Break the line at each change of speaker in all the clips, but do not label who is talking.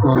Ya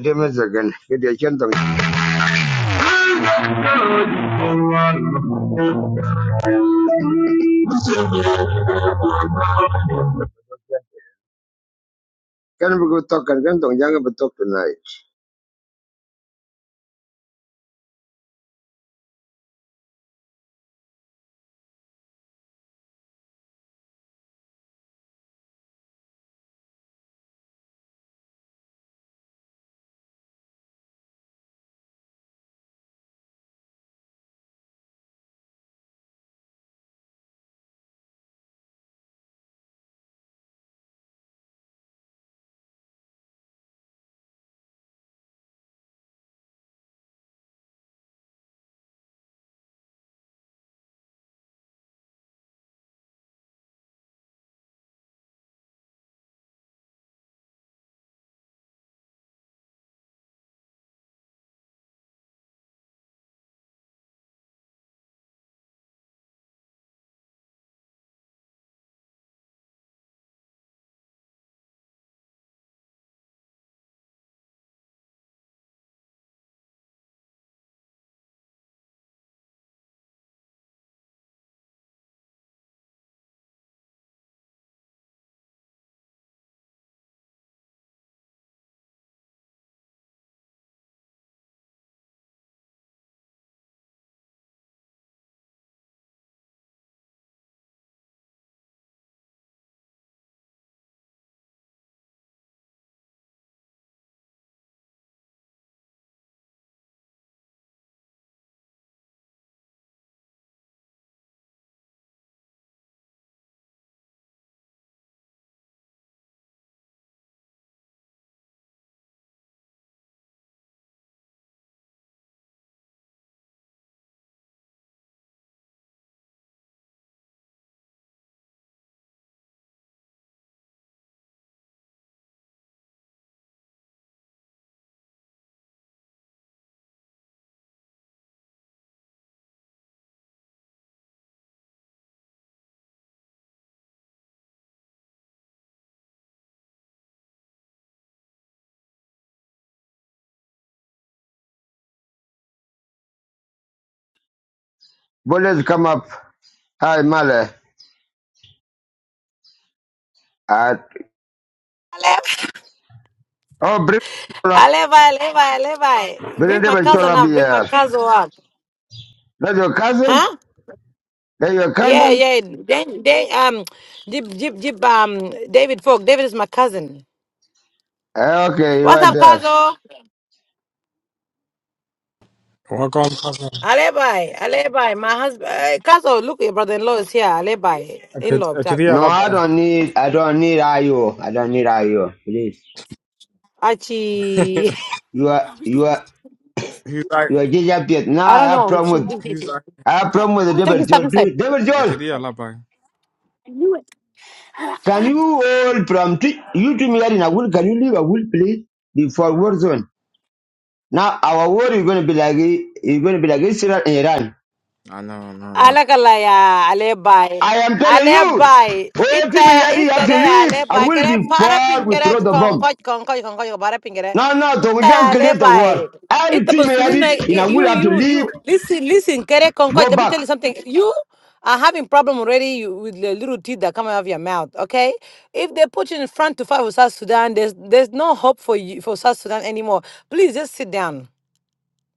dai masa dia gidi ken tong ken bu to kan ken tong jang bu to tonight. Boleh come up. Hi Male. At
Alevi,
oh bring
Alevi, Alevi.
bring
Bring
them
my
and
cousin
up
up. Bring my
here.
cousin up.
That's your cousin?
Huh?
That's your
Yeah,
cousin?
yeah. Then, they, um, Jib, Jib, Jib, um, David Folk. David is my cousin.
Eh, Okay,
What's
right
up,
there.
Kazo?
Welcome, cousin.
Alevi, Alevi. My husband, uh, Kazo, look, your brother-in-law is here. Alevi,
Akid-
in-law, Jack.
Akidia
No, I
Labai.
don't need I don't need IO. I don't need IO. Please.
Achi.
You are you are
He's like,
You are just up yet. Now
I
I
don't
have
know.
problem
She's
with
she,
he's
she.
like,
I have problem with the
Take
devil
this stuff
Joel.
inside.
too. Devil Joel,
Akidia Labai.
can you all from t- you to me are in a wool, can you leave a wool please before war zone? Now our war is gonna be like is gonna be like Israel and Iran.
I know, no, Labai.
Alakalaya, alebay.
I am telling you,
Alebay.
all people
Ita,
here you have
ita de
to leave. I
alebay.
will
Kere para
before we
pinkere
throw the bomb.
konkoch, konkoch, konkoch, para pinkere.
No, no, so we can't
Ita
create the war.
alebay.
I
Ita
treat me at
busluna,
it, in a will
you,
have to
you,
leave,
you. Listen, listen, kere konkoch.
go
Let me
back.
tell you something. You are having problem already you- with the little teeth that come out of your mouth, okay? If they put you in front to fight with South Sudan, there's, there's no hope for you, for South Sudan anymore. Please just sit down.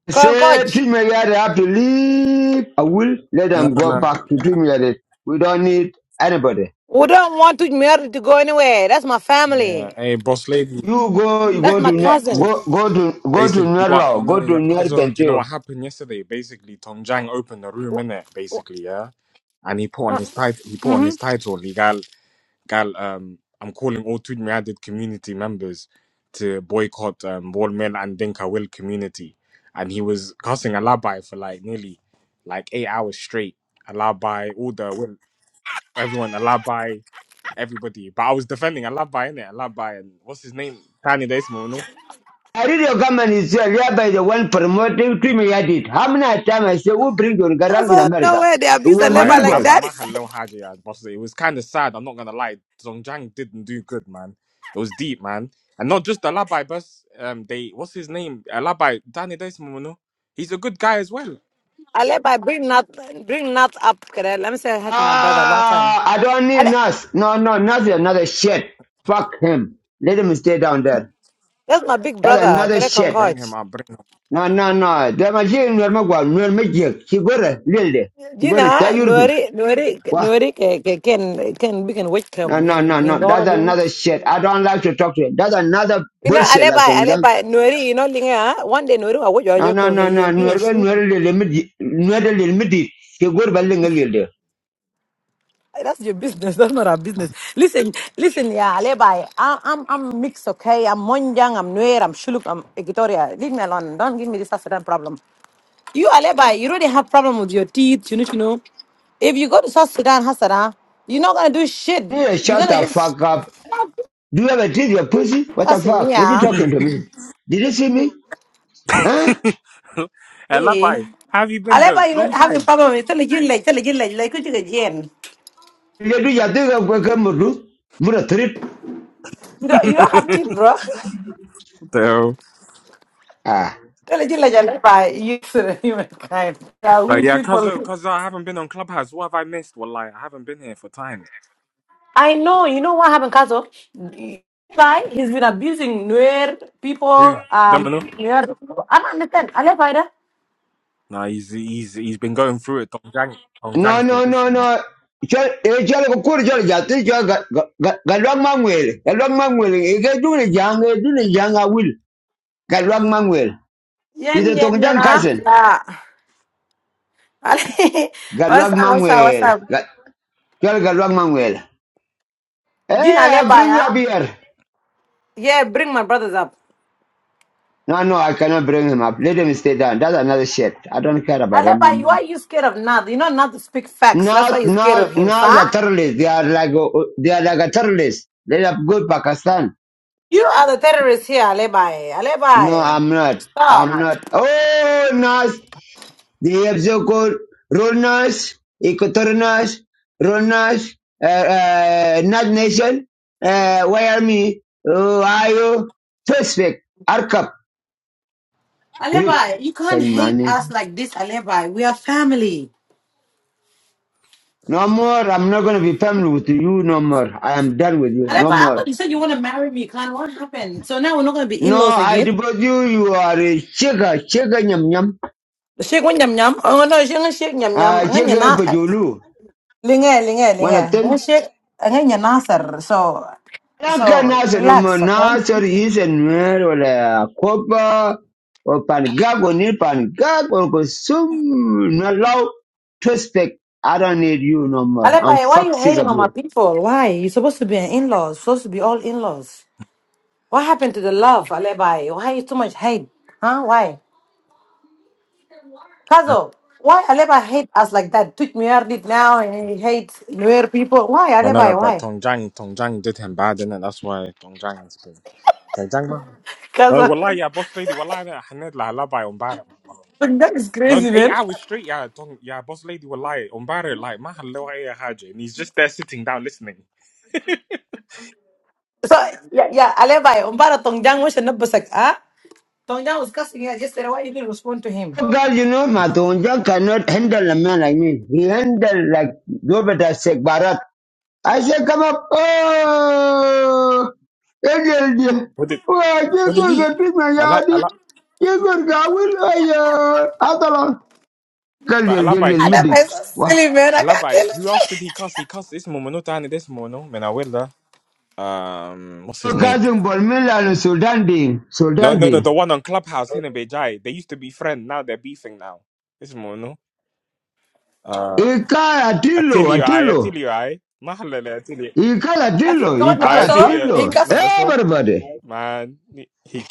He said,
Concoch.
Teach me yet I have to leave. I will let
No,
them
no,
go
no.
back to teach me yet. We don't need anybody.
We don't want to marry to go anywhere. That's my
Yeah.
family.
Hey, boss lady.
You go, you
That's
go to
my
Nu-
cousin.
ba-
go go to go to
Basically, what you
Nuerlo,
know,
go to
your cousin. Do you know
Nuerbentio.
what happened yesterday? Basically, Tong Jang opened the room in it. Basically, yeah. And he put on his title. He put on his title. Legal. Gal, um, I'm calling all two Miadid community members to boycott um, Ball Mill and Dinka Will community. And he was cussing Alabai for like nearly like eight hours straight. Alabai, all the Will, everyone, Alabai, everybody. But I was defending Alabai, innit? Alabai, and what's his name? Tani Desmo,
I read your government is here, by the one promoting teach me yet. How many times I say, who bring your
That's
garang in
all
America?
nowhere. They
It
abuse a
was
Well, I,
level
I
like
lied
maneuverable.
by
that.
my hello Haji. yeah, But it was kind of sad. I'm not gonna lie. Zhongjiang didn't do good, man. It was deep, man, and not just Alabai, but um, they what's his name? Alabai Danny Desmono. He's a good guy as well.
I let my bring not bring not up. Can I, let me say I had to my brother a long time.
Ah, I don't
I
need
let,
Nas. No, no, Nas is another shit. Fuck him. Let him stay down there.
that's my big
That's
brother.
another
Can I
shit.
Bring
concord?
him up. Bring him.
na na na da je nwer ma gwa nwer ma je ki lelde ki
You
ta
know,
yurbi
Nuri, Nuri,
wa
Nuri, can can can we can wake up
no
and
no no no
in Doro
that's
do.
another shit i don't like to talk to you that's another
You know, I
bullshit
let
like
by I
don't
let
that
by Nuri. You know, linga. huh? One day Nuri, I watch your
no
joke.
no
Okay,
no no
you be
nwer ga
shoot.
nwer lelde mi nwer lelde mi di ki lelde
Hey, That's your business. That's not our business. Listen, listen, yeah, Levi. I, am I'm I'm mixed, okay? I'm Monjang, I'm Nuer, I'm Shuluk, I'm Equatoria. Leave me alone. Don't give me this South Sudan problem. You are Levi. You already have problem with your teeth. You need to know. If you go to South Sudan, Hassana, you're not gonna do shit.
yeah
You're
shut
gonna
the
just
fuck up do you ever did your pussy what the
cussing,
fuck what are you
yeah.
up.
talking to me did you see me huh
Hey.
Alabai, how have you been though?
Aleba, you don't
Long
have a
time.
problem. You tell a gin like tell a gin like like you get gin.
you do ya do ga ga mudu mura trip
You don't you don't have teeth, bro.
so,
Ah.
Tell a gin like Aleba, you humankind. They are
but
will
yeah, cause uh,
people.
cause I haven't been on Clubhouse. What have I missed? Well, I haven't been here for time.
I know. You know what happened, Kato? Why he's been abusing Nuer
Who?
people. Um,
Domino?
Nuer. people. I don't understand. Ale Faida.
Nah, he's he's he's been going through it. Dong Jang, Dong
no
Jang's been
no no
pissing him.
no
off.
chol eh, chol ko kur chol ja ti chol ga ga ga lwang mangwel ga lwang mangwel e ga du ne jang e du ne jang a Galwang ga lwang mangwel i
Yen yen
tong
yen
jang
ah.
kasen
Yeah. Ale.
ga
What's up? What's up? What's
mangwel
up?
ga chol ga mangwel
Din
hey
Ale
i
Bai,
bring you up
ah?
here
Yeah. Bring my brothers up.
no no i cannot bring him up let him stay down that's another shit i don't care about
Ale
him no
Bai, why
more
are you scared of Nad? You know Nad to speak facts.
now
That's why you're
now
scared of him,
now
sir.
the terrorists they are like uh, they are like a terrorist let up go pakistan
You are the terrorist here, Ale Bai.
no i'm not i'm
Stop.
not oh nice They also call Ronas, Equatorianas, Ronas, uh, uh, Nut Nation, uh, Wyoming, Ohio, Suspect, Arcap, Grip,
Alebai, you can't hate
Saimane.
us like this, Alebai. We are family.
No more, I'm not gonna be family with you no more. I am done with you,
Arepa,
no
I
more.
thought you said you want to marry me, Khan. What happened? So now we're not going to be in
No,
laws
I
again.
deport you, you are a chigga, chigga nyam nyam,
Shake one yam yam. Oh no, shake one shake yam
uh,
yam. I'm going
chigga
to
bajulu.
linge linge
One of
linge. I'm
them?
shake. I'm going to nasser. So so
Lacanas en
relax, okay?
homenaje dicen mero la copa o pangago ni pangago go sum no law to speak. I don't need you no more. I'm
Arepa, why
fuck
you
sick
hating
of
on my
you.
people? Why you supposed to be an in-laws? Supposed to be all in-laws. What happened to the love, Arepa? Why you too much hate? Huh? Why? Kazo, why Arepa hate us like that? Took me out it now and he hates Nuer people. Why
No, no, no.
Arepa?
But
Why?
Tongjiang, Tongjiang did him bad, didn't it? That's why Tongjiang has been. Tongjiang, man. No,
Kazo.
wallahi, yeah, boss lady, wallahi, I had like love by umbara.
Like, That is
No,
crazy,
eight
man.
hours straight, yeah, Tong, yeah, boss lady, wallahi, umbara, like my hello, haja, and he's just there sitting down listening.
So yeah, yeah, Alebai, Umbara Tongjang was a nubasak, ah? Tongjang was cussing her yesterday. Why you didn't respond to him?
Oh God, you know Matunja cannot handle a man like me. He handled like Gobeta Sheikh Barat. I said, come up. Oh, Angel, dear.
What did,
oh, you
what did
could
he?
go to my
Allah,
yard.
Allah,
You could go with my uh, Atala. قال
but
لي
Allah by
الليل
he,
Alebai
المدد
is so
واه
silly, man. I
Allah
can't
by
tell
who else
you.
did he cuss? He cussed this momonota and this mono, man, uh, um, what's his name?
كازم بالميلان سودان دي
No,
سودان
no,
دي
no, the one on Clubhouse, Hinabejai. They used to be friends, now they're beefing now. This mono.
إيكال
I tell
أتيلو
you, I, I tell
أتيلو
you, I. Mahalla, I tell you,
إيكال
I think
أتيلو
he got
إيكال
I, I tell
Nabasa.
you,
He
أتيلو
cussed.
number so,
everybody
man. He,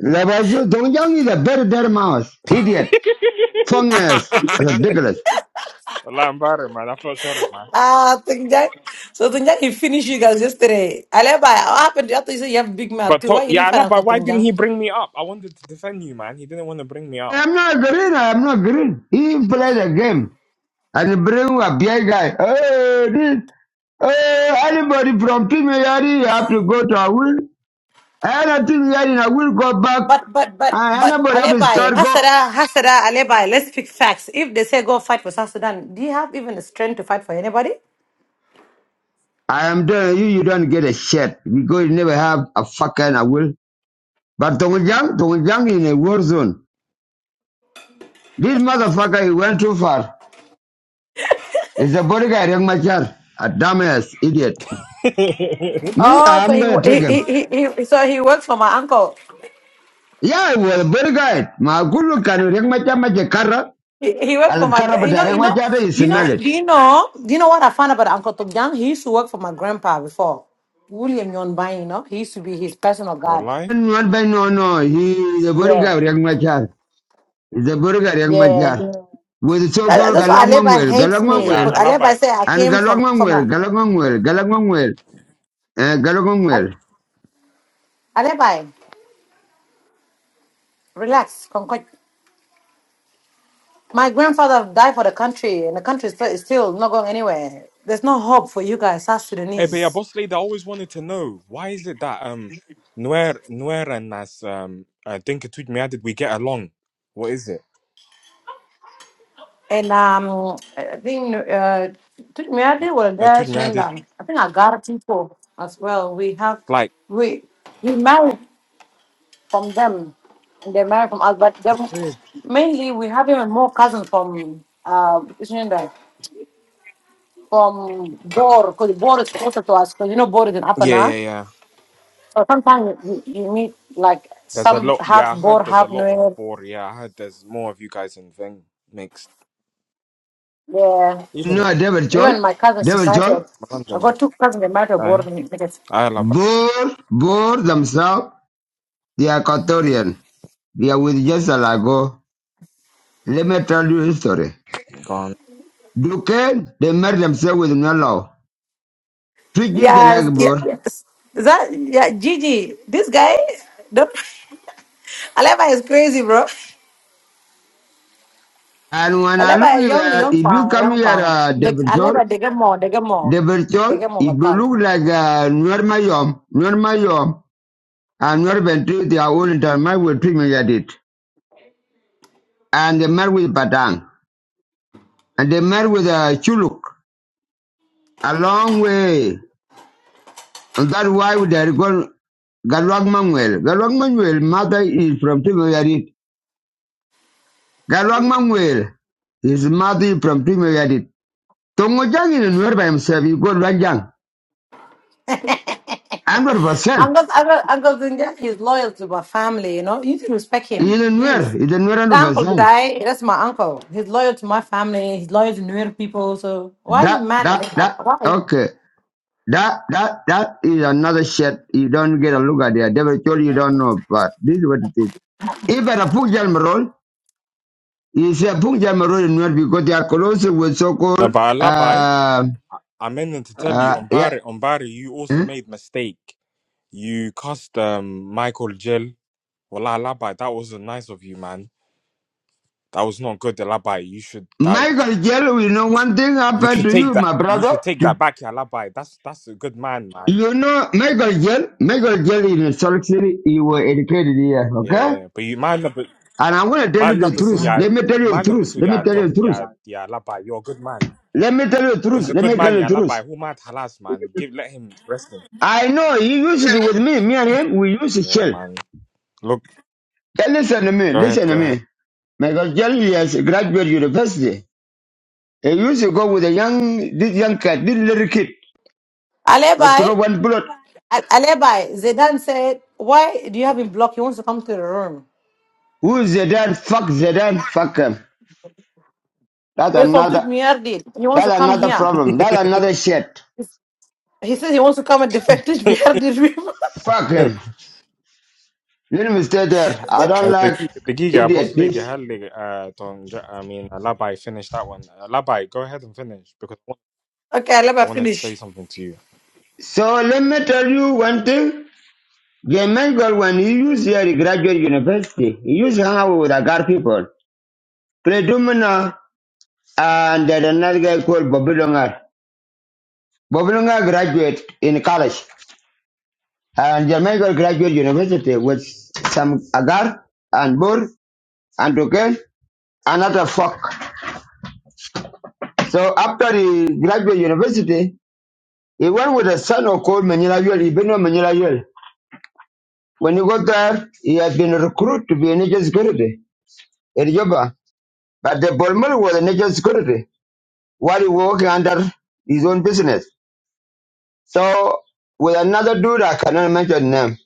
لباسو دونجان is a very dead mouse idiot fungus ridiculous
Allah, i man. I feel sorry, man.
Ah, Tongjang. So Tongjang, he finished you guys yesterday. Alebai, what happened to you? I thought you said you have big mouth
But
too.
to,
Why you
yeah,
didn't fight
Allah, but
Uncle
why didn't
Tongjang?
he bring me up? I wanted to defend you, man. He didn't want to bring me up.
I'm not green I'm not green he played a game and bring a big guy hey this Hey, anybody from Team Yari, you have to go to a wheel. And I think that I will go back.
But, but, but,
And
but,
anybody have a
Alebai,
start go.
Hasada, Hasada, Alebai, let's pick facts. If they say go fight for South Sudan, do you have even the strength to fight for anybody?
I am telling you, you don't get a shit because you never have a fucking I will. But Tongjang, Tongjang in a war zone. This motherfucker, he went too far. He's a bodyguard, young Machar. A dumbass, idiot. Me,
Oh, so
I'm
he
gonna take him.
he he, he he- so he works for my uncle.
Yeah, he was a bodyguard. My good look at young Machar, Machar Kara.
He, he worked for
Al
my
Kara,
gra-
but
you know
young
you know
Machar, he
do you know
smell it.
do you know do you know what I found about Uncle Togyan? He used to work for my grandpa before William Yonbai. You know he used to be his personal guard.
Wallahi.
Not by no, no, he is a
Yeah,
bodyguard, young Machar. He's a bodyguard, young
yeah.
Machar. with so
That,
go
that's why Aleba
galwangwangwer
hates
But
me.
yeah,
But
galwangwangwer
Allah,
Aleba
but
say I
and
came from from
galwangwangwer
a
galwangwangwer galwangwangwer eh,
Al-
galwangwangwer
Aleba. Relax, concoct. My grandfather died for the country, and the country is still is still not going anywhere. There's no hope for you guys, South
hey, but yeah,
Sudanese.
boss lady, I always wanted to know why is it that um, Nuer, Nuer and Nas, um, I think it tweet me did we get along? What is it?
And um, I think uh, took me I did with
Uh,
there,
tweet me did
Shinda. I think I got people as well. We have
like.
we we married from them, and they married from us. But
It's
them,
weird.
mainly we have even more cousins from uh Shinda, from Bor, because Bor is closer to us. Because you know Bor is in
Yeah,
Apana.
yeah, yeah.
So sometimes you, you meet like
There's a
some
lot.
half
Yeah, I heard
Bor,
there's a
half
lot of
Nuer.
Bor. Yeah, I heard there's more of you guys in Ving mixed.
Yeah,
Even in
no devil
even
chol
my cousins, they
devil
married to-
chol
I
London.
got two cousins. They married to Bor.
Aye. I love
bore bore themselves they are Equatorian they are with just a lago let me tell you a story
gone.
Duke they married themselves with no law Twiggy they
Yes,
like
yes.
bore
yes. Is that yeah, Gigi? This guy, don't. Aleba is crazy, bro.
and when I look
Aleba is young,
here
young
if you
fan,
come
young
here
fan.
uh,
The,
devil chol
Aleba, they get more, they get more,
devil
they
chol
get more
it will look
batal.
like uh, Norma Yom and Nuerben drew their own intermarried with Trinidad and they met with Padang, and they met with uh, Chuluk a long way. And that's why they gone Galwag Manuel. Galwag Manuel, mother is from Trinidad. Galwag Manuel, his mother is from Trinidad. Tongojang is a Nuer by himself, he got Ranjang. 100%.
Uncle, Uncle, Uncle Zinja, he's loyal to my family. You know, you need to respect
He's
him,
a Nuer,
please.
he's a Nuer
The uncle
100%.
guy, that's my uncle. He's loyal to my family. He's loyal to Nuer people. So why are you
That,
mad,
that,
Aleba?
that.
Why?
Okay. That that that is another shit you don't get a look at there. Devil told you you don't know, but this is what it is. If at a Punjab Marol, you say Punjab Marol in North because they are close with so
No,
called
but I I.
uh
I meant to tell
uh
you, on
yeah.
Barry, on Barry, you also
huh?
made mistake. You cussed um, Michael Jill. Well, I That wasn't nice of you, man. That was not good, Labai. You should that.
Michael Jell, we know one thing
You
happened
should
to
take
you,
that.
my
You
brother.
should take that back, yeah, Labai. That's that's a good man, man.
You know Michael Jell, Michael Jell in Salt Lake City, you were educated here,
Yeah,
okay?
yeah. But you, my number,
And I want to tell
my
you the
number, so
truth.
yeah,
Let me tell you the
my number
truth.
two,
Let me
yeah,
tell you
Tong,
the truth.
yeah, yeah, Labai. You're a good man.
Let me tell you the
He's
truth.
a
Let
good
me tell
man,
you
yeah.
the truth.
Labai, who mad Halas, man. Give let him rest him.
I know he used to be with me. Me and him, we used to
Yeah,
chill.
man. Look,
Hey, listen to me.
go ahead,
Listen to
go ahead.
me. Michael Jelly has graduated university. He used to go with a young, this young cat, this little kid. They
Aleba?
Throw one bullet.
Al- Aleba, Zidane said, why do you have him blocked? He wants to come to the room.
Who's Zedan? Fuck Zedan. Fuck him. That's
He's from
another,
Tujmiardi. He wants to
that's
come
another
here.
problem. That's another shit.
He says he wants to come and defend Tujmiardi.
Fuck him. Let me stay there. I don't
Uh, The
like
gig, the gig, yeah, boss
idiot
lady,
bitch.
hell, uh, don't- I mean, Allah by finish that one. Allah by, go ahead and finish because I want-
okay,
I
Aleba,
wanted to say
finish.
something to you.
So let me tell you one thing. The man girl, when he used here, he graduate university, he used to hang out with Agar people. Predomina and there's another guy called Bobby Longar. graduate in college and Jamaica graduate university with some agar and bull and cocaine another fuck. So after he graduate university, he went with a son of called Manila Yul. He been on Manila Yul. When he got there, he had been recruited to be a nature security in Juba. But the Bolmer was a nature security while he working under his own business. So with another dude, I cannot mention name.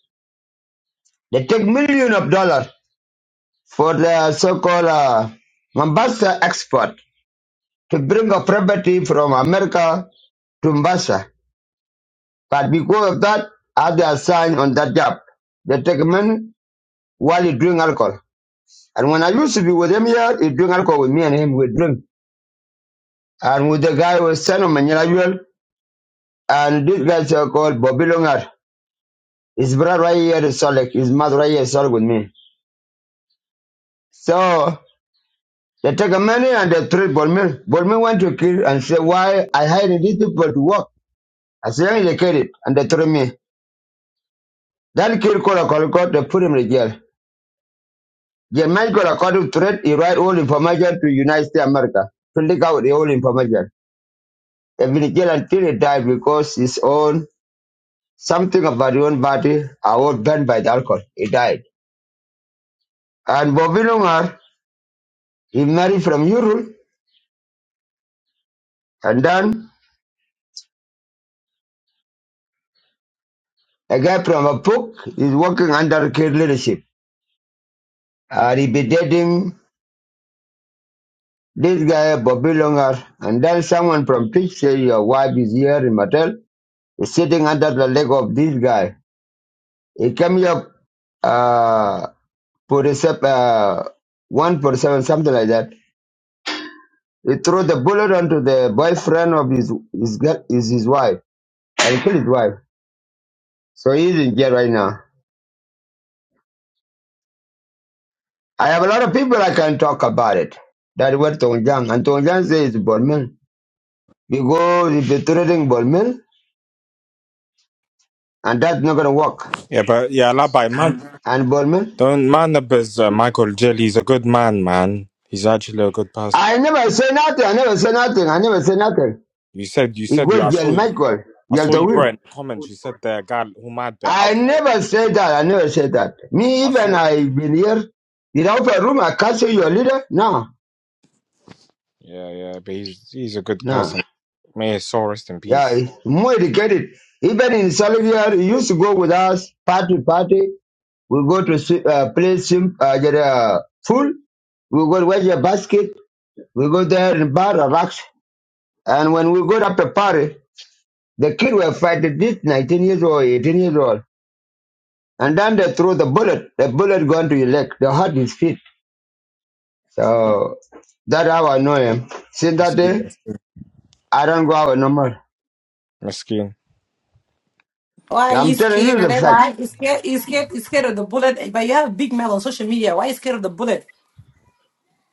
They take million of dollars for the so-called uh, Mombasa export to bring a property from America to Mombasa. But because of that, I have assigned on that job. They take money while you drink alcohol. And when I used to be with him here, he drink alcohol with me and him, we drink. And with the guy who was son of Manila Jewel, and this guy so called Bobby Longar. His brother right here is Solek, his mother right here is Solek with me. So They take a money and they threat Bolmir. Bolmir went to kill and say, why I hired these people to work. I say, "Yeah, they killed it. And they threat me. Then kill Kola Kola Kola, they put him in jail. The Jermaine Kola Kola threat, he write all information to United States of America. To leak out the whole information. They've been in jail until he died because his own, something about his own body, are all burned by the alcohol. He died. And Bobby Lungar, he married from Europe. And then a guy from a book is working under Kid leadership. And he be dating This guy Bobby Longer, and then someone from Twitch say your wife is here in Mattel, is sitting under the leg of this guy. He came here uh, for the sep- uh, one for seven, something like that. He threw the bullet onto the boyfriend of his his girl, is his wife and killed his wife. So he's in jail right now. I have a lot of people I can talk about it. That what Tong Jiang and Tong Jiang says Bolman because if they're threatening Bolman and that's not gonna work.
Yeah, but yeah, Labai, man,
And Bolman.
don't man up as uh, Michael Jelly. He's a good man, man. He's actually a good person.
I never say nothing. I never say nothing. I never say nothing.
You said, you
It
said, you. I
was Jel
saw you.
Michael,
I
Jel
saw you wrote
Tawil.
in the comments. You said the guy who mad by
I
alcohol.
never said that. I never said that. Me
I saw.
even I been here without a room. I can't say your leader. No,
Yeah, yeah, but he's he's a good
no.
person. May his soul rest in
Yeah,
peace.
it's more educated. Even in Salivia, he used to go with us party party. We go to si- uh, play sim, uh, get a full. We go to watch a basket. We go there and bar a rocks. And when we go up a party, the kid were fighting this 19 years old, 18 years old. And then they threw the bullet. The bullet gone to his leg. They hurt his feet. So that how I know him. Since that
Meskin.
day, I don't go out no more.
Meskin.
Why
So
are you
I'm telling
scared,
you the facts.
Alebai, You scared, you scared, you scared of the bullet, but you have big mouth on social media. Why you scared of the bullet?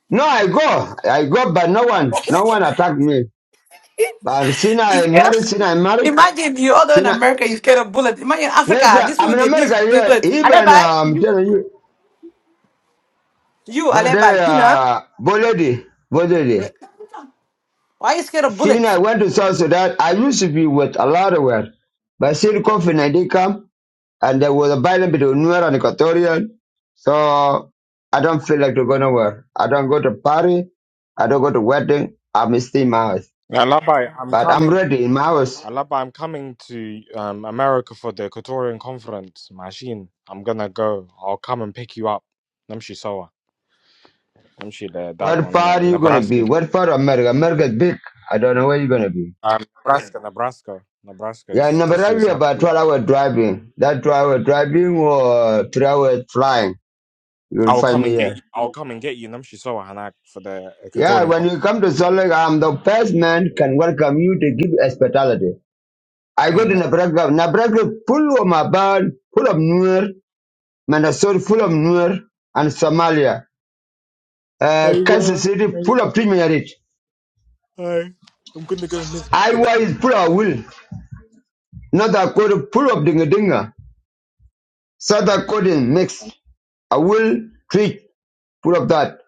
No, I go. I go, but no one, no one attacked me. But since
You
I
scared of...
married, since I married,
Imagine you all in
since I,
America, you scared of bullets. Imagine
yes,
Africa,
uh,
these
I'm
people,
in
they live
America
the
here.
bullets.
Even
Alebai,
uh,
you,
I'm telling you,
you
got a
Aleba, Gina,
uh, Boledi, Boledi.
why are you scared of
Since
bullets?
I went to South Sudan, I used to be with a lot of work. But since COVID-19 come, And there was a violence between Nuer and Equatorian. So I don't feel like to go nowhere. I don't go to party. I don't go to wedding. I'm still in my house.
Alaba, I'm
But I'm
coming.
ready in my house.
Alaba, I'm coming to um, America for the Equatorian Conference. Machine, I'm gonna go. I'll come and pick you up. Namshi Sawa. Namshi the dark
What
one, innit?
part are
In
you going to be?
Nebraska.
What part of America? America is big. I don't know where you're going to be.
Um, Nebraska, Nebraska. Nebraska
Yeah, in
is this year's
Nigeria,
hap-
about 12 hour driving. That 12 hour driving or 3 hour flying. You'll
I'll
find
come
me
and get you.
here.
I'll come and get you, Namshi Sawa Hanak, for the
Yeah,
Equatorian
when
Conference.
you come to Salt Lake, I'm the first man can welcome you to give hospitality. I go to
Amen.
Nebraska. Nebraska full of my full of Nuer, Minnesota full of Nuer, and Somalia. Uh,
Hey,
Kansas
world.
City full of Timiarit.
Hi. I'm gonna go miss. the.
Iowa is full of wool. North Dakota full of Dinga Dinga. South
I'm gonna.
Dakota is mixed. A wool treat full of that.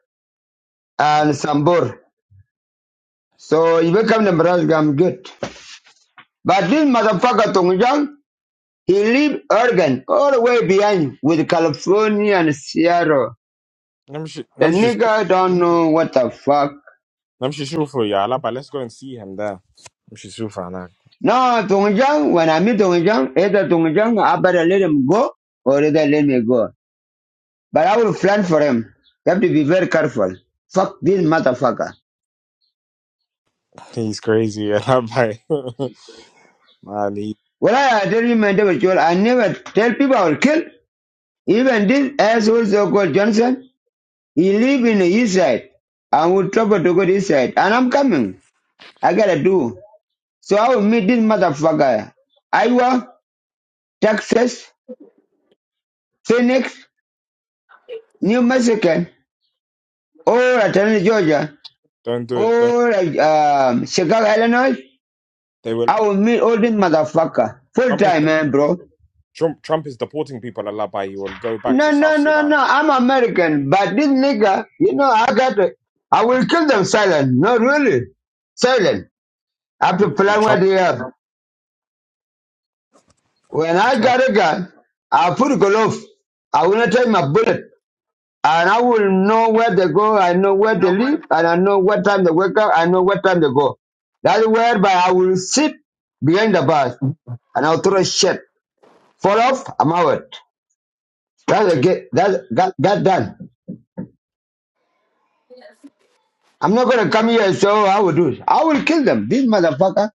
I'm
And Sambor. So if I come to Nebraska, I'm good. But
gonna.
this motherfucker Tongjang, he leave Oregon all the way behind with California and Seattle. The
Namshi.
nigga don't know what the fuck.
نمشي نشوفه يا علاء let's go and see him ده نمشي نشوفه هناك
No, Tongjang, when I meet Tongjang, either Tongjang, I better let him go or either let me go. But I will plan for him. You have to be very careful. Fuck this motherfucker.
he's crazy يا علاء man
Well, I tell you, my devil, Joel, I never tell people I will kill. Even this asshole so called Johnson, he live in the east side. I will travel to go to east side. And I'm coming. I gotta do. So I will meet this motherfucker. Iowa, Texas, Phoenix, New Mexico, or Atlanta, Georgia.
don't do it don't
Or like um Chicago, Illinois,
they will
I will meet all this motherfucker. Full
Trump is
time, man, bro.
Trump, Trump is deporting people Allah by he will go back
No,
to South
no, no,
Sudan
no. I'm American, but this nigga, you know, I got to, I will kill them silent. No, really. Silent. I have to
He'll- he-
plan what
Trump
they have. When I
Trump
got a gun, I put a glove. I will not take my bullet. And I will know where they go. I know where they live. And I know what time they wake up. I know what time they go. That's whereby I will sit behind the bars and I'll throw shit. Fall off, I'm out. That's a
take,
get that that that done. I'm not gonna come here and so I will do it. I will kill them. This motherfucker,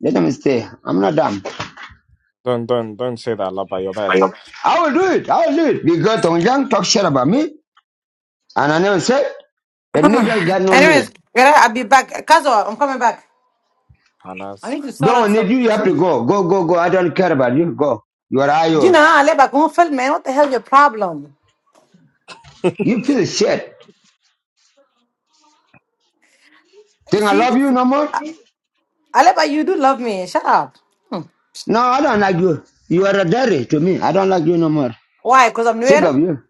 let them stay. I'm not dumb.
don't don't don't say that Allah by your bad
I will do it, I will do it. Because Tong Yang talk shit about me and I never said the nigga got no
Anyways,
me.
yeah, I'll be back. Kazo, I'm coming back.
Hanas
I need to sort out
Don't need
some
you, you have to
kitchen.
go. Go, go, go. I don't care about you. Go. You are
Gina,
IO.
Aleba, go film, man. What the hell your problem?
You feel shit.
You
Think I
see,
love
it's,
you no more?
Aleba, you do love me. Shut up. Hmm.
No, I don't like you. You are a daddy to me. I don't like you no more.
Why? Because I'm
Sick
near?
of you.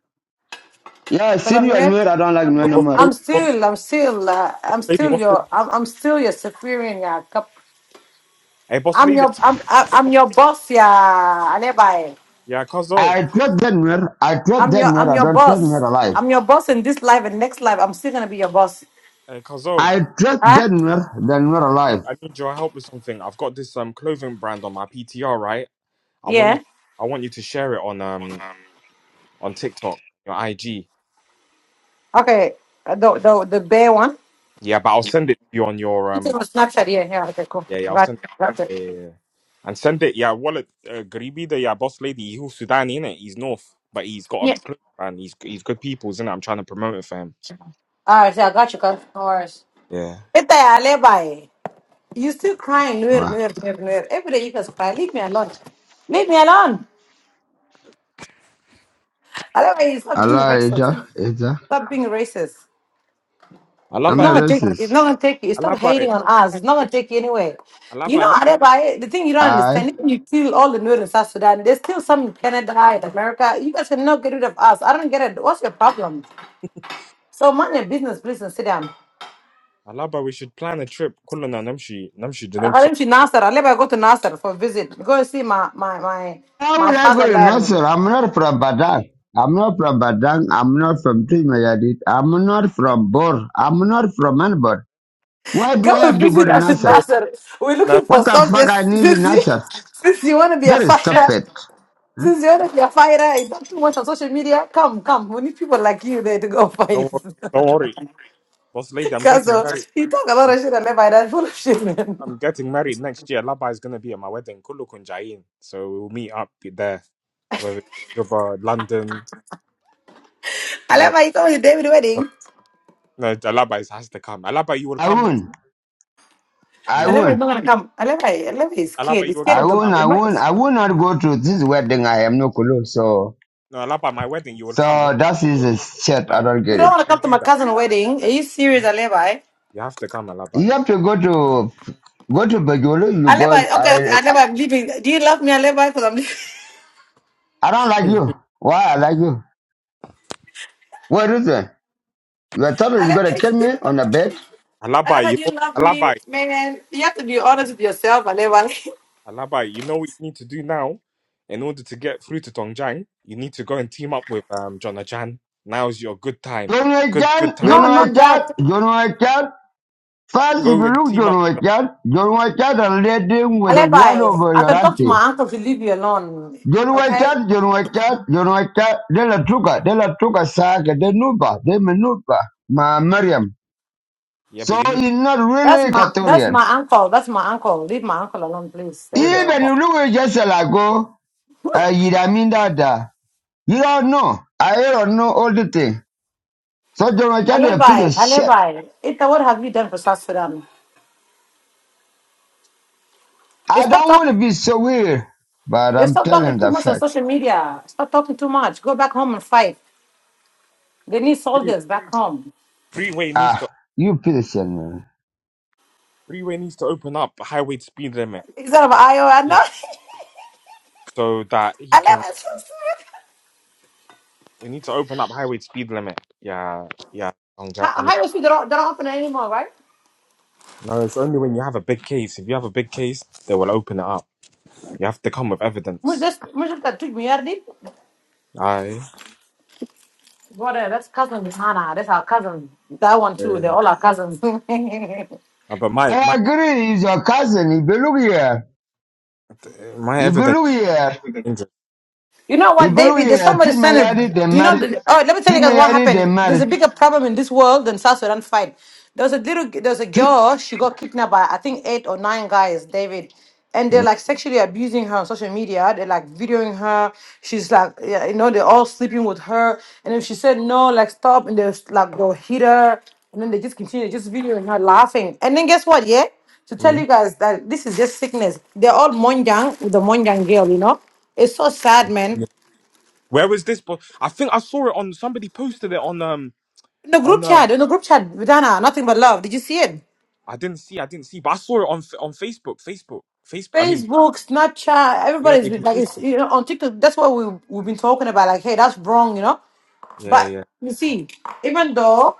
Yeah, I
Because
seen
I'm
you and
near?
Nuer, I don't like you no
boss
more.
I'm
lady boss,
still, I'm still, uh,
boss
I'm
lady
still
what's good
your, I'm, I'm still your superior. Yeah. Cup-
hey boss
I'm
lady
your, I'm, I'm
hey
I'm
boss
your
lady
boss, yeah, Aleba.
yeah Kazo
I trust that mirror. I trust
I'm
that
your,
mirror.
I'm
I
your
don't trust
boss.
mirror alive.
I'm your boss in this life and next life. I'm still gonna be your boss.
Hey, Kazo,
I trust
Huh?
that mirror than mirror alive.
I need your help with something. I've got this um clothing brand on my PTR, right? I want you,
Yeah.
I want you to share it on um on TikTok, your IG.
Okay. Uh, The the the bear one.
Yeah, but I'll send it to you on your
It's
um.
on
oh,
Snapchat. Yeah, yeah. Okay, cool.
Yeah, yeah
I
I'll
got,
send.
it. got it.
It, yeah, yeah, yeah. and send it. Yeah, wallet. Uh, Garibi, the yeah boss lady. He's Sudani, innit? He's North, but he's got
Yeah.
a club and he's he's good people, isn't it? I'm trying to promote it for him.
All right, yeah, I got you, guys. No worries.
Yeah,
It's a by. You still crying, Nuer,
Wow.
Nuer, Nuer, Nuer. Every day you guys cry. Leave me alone. Leave me alone. Otherwise, you stop being
Allah,
racist.
Asia, Asia.
Stop being racist.
I love
It's
I'm
it.
not
not
gonna
Let's
take.
plan.
It's
racist.
not gonna take you.
I
Stop
love
hating
it.
on
Let's
us.
plan.
It's not gonna take you anyway.
I love
You
it.
know,
Let's-
Adebayo, the thing you don't
I.
understand, even you kill all the Nuer in South Sudan, there's still some in Canada and America. You guys cannot get rid of us. I don't get it. What's your problem? So mind your business, please, and sit down.
I love it. We should plan a trip. Kulana namshi namshi dunum so.
هنمشي ناصر I'll never go to Nasser for visit. Go and see my my my
How
my
would I go to
fatherland.
Nasser? I'm not from Badang. I'm not from Badang. I'm not from Timayadit. I'm not from Bor. I'm not from anybody. Why do
Go
I
and
have to go
visit
to
us in
Nasser?
Nasser. We're
Nah,
looking for
What the fuck
soldiers.
I need in
Since you,
Nasser?
since you want to be a
Very
fighter,
stupid.
since you want to be a fighter, you don't too much on social media. Come, come. We need people like you there to go fight.
Don't worry. Don't worry, boss lady. I'm
Cause
getting married.
he talk a lot of shit. Aleba, that's full of shit, man.
I'm getting married next year. Laba is going to be at my wedding. Kulukun Jain. So we'll meet up there, whether it's Juba, London. Uh,
Aleba, he told you David
so-
wedding.
no, Alaba is, has to come. Alaba, you will
I
come.
won't.
You
I
will,
Aleba is
won't.
not gonna come. Aleba, Aleba is scared.
Alaba, you
He's
will
scared
I
come
of the.
to my
won't. I
wedding.
won't. I will not go to this wedding. I am no clue. So.
No, Alaba, my wedding, you will
So
come.
that is a shit. I
No,
don't
You
get
don't want
it.
to come
don't
to
do
my
that.
cousin wedding. Are you
Yeah?
serious, Aleba?
You have to come,
You
Alaba.
have to go to go to Bajolo. You go.
Aleba, okay, okay,
I I
Aleba, I'm leaving. Do you love me, Aleba? Because I'm leaving.
don't like you. Why I like you? What is it? You thought you
Aleba,
gonna kill me on the bed?
Alaba,
Aleba,
you
do
know,
you love me,
Alaba,
man? You have to be honest with yourself, Aleba.
Alaba, you know what you need to do now in order to get through to Dongjiang? You need to go and team up with um Jonajan. Now's your good time.
You know I
Good, good
can. You
No,
time.
know I
not
can.
that.
You know I can. First, if
Go and
you look,
team up.
John know I can. You know I can. And let him with the word
Aleba,
over
I
your
can talk to
auntie.
my uncle to leave you alone.
John know I
Okay?
can. You know I can. You They la tuka. They la tuka saga. They nuba. They menuba. Ma Miriam.
Yeah, but
So
you need
he's not
That's
really
my that's
Equatorian.
my uncle. That's my uncle. Leave my uncle alone, please. Thank
Going to
you.
Even
up
you look at just like go, uh, you I mean that, uh, you don't know. I don't know all the thing. So don't tell you a piece
Aleba,
of shit.
Aleba, Ita, what have you done for South Sudan? You
I
stop
don't want to
talking.
be so weird, but
You
I'm
stop talking
telling
too
the
much on
fact.
social media. Stop talking too much. Go back home and fight. They need
free-
soldiers back home.
freeway needs
Ah,
to
you piece of shit, man.
freeway needs to open up highway speed limit
Is that about
Mm.
IO?
so that he
I never
can. We need to open up highway speed limit. Yeah, yeah. I'm I mean,
How you see the don't open anymore, right?
no. It's only when you have a big case. If you have a big case, they will open it up. You have to come with
Mu-
evidence.
This music that took me early.
Aye.
What? uh, That's cousin Hannah. That's our cousin. That one too. They're
Yeah.
all our cousins.
Uh, But my
I
my
agree, he's your cousin. If you look here,
my
if you
evidence.
look
is
here,
dangerous.
You know
if
what,
you look
David? There's
here,
somebody
treat my
sending.
they
You know,
married.
the- oh, let me tell
Treat
you guys
my
what
they
happened. There's
married.
a bigger problem in this world than South Sudan fight. There was a little, there was a
Treat,
girl. She got kidnapped by I think eight or nine guys, David, and they're
Mm.
like sexually abusing her on social media. They're like videoing her. She's like, yeah, you know, they're all sleeping with her, and if she said no, like stop, and they're like go hit her, and then they just continue just videoing her laughing. And then guess what? Yeah, to tell
Mm.
you guys that this is just sickness. They're all Monjang with the Monjang girl, you know. It's so sad, man.
Yeah. Where was this? But I think I saw it on somebody posted it on um
In the
on
group chat,
um.
in the group chat, Vidana, nothing but love. Did you see it?
I didn't see. I didn't see. But I saw it on F- on Facebook. Facebook. Facebook. I mean,
Facebook, Snapchat,
yeah.
everybody's
They
been like, it's, you know, on TikTok. That's what we we've been talking about. Like, hey, that's wrong, you know.
Yeah,
But
yeah.
you see, even though,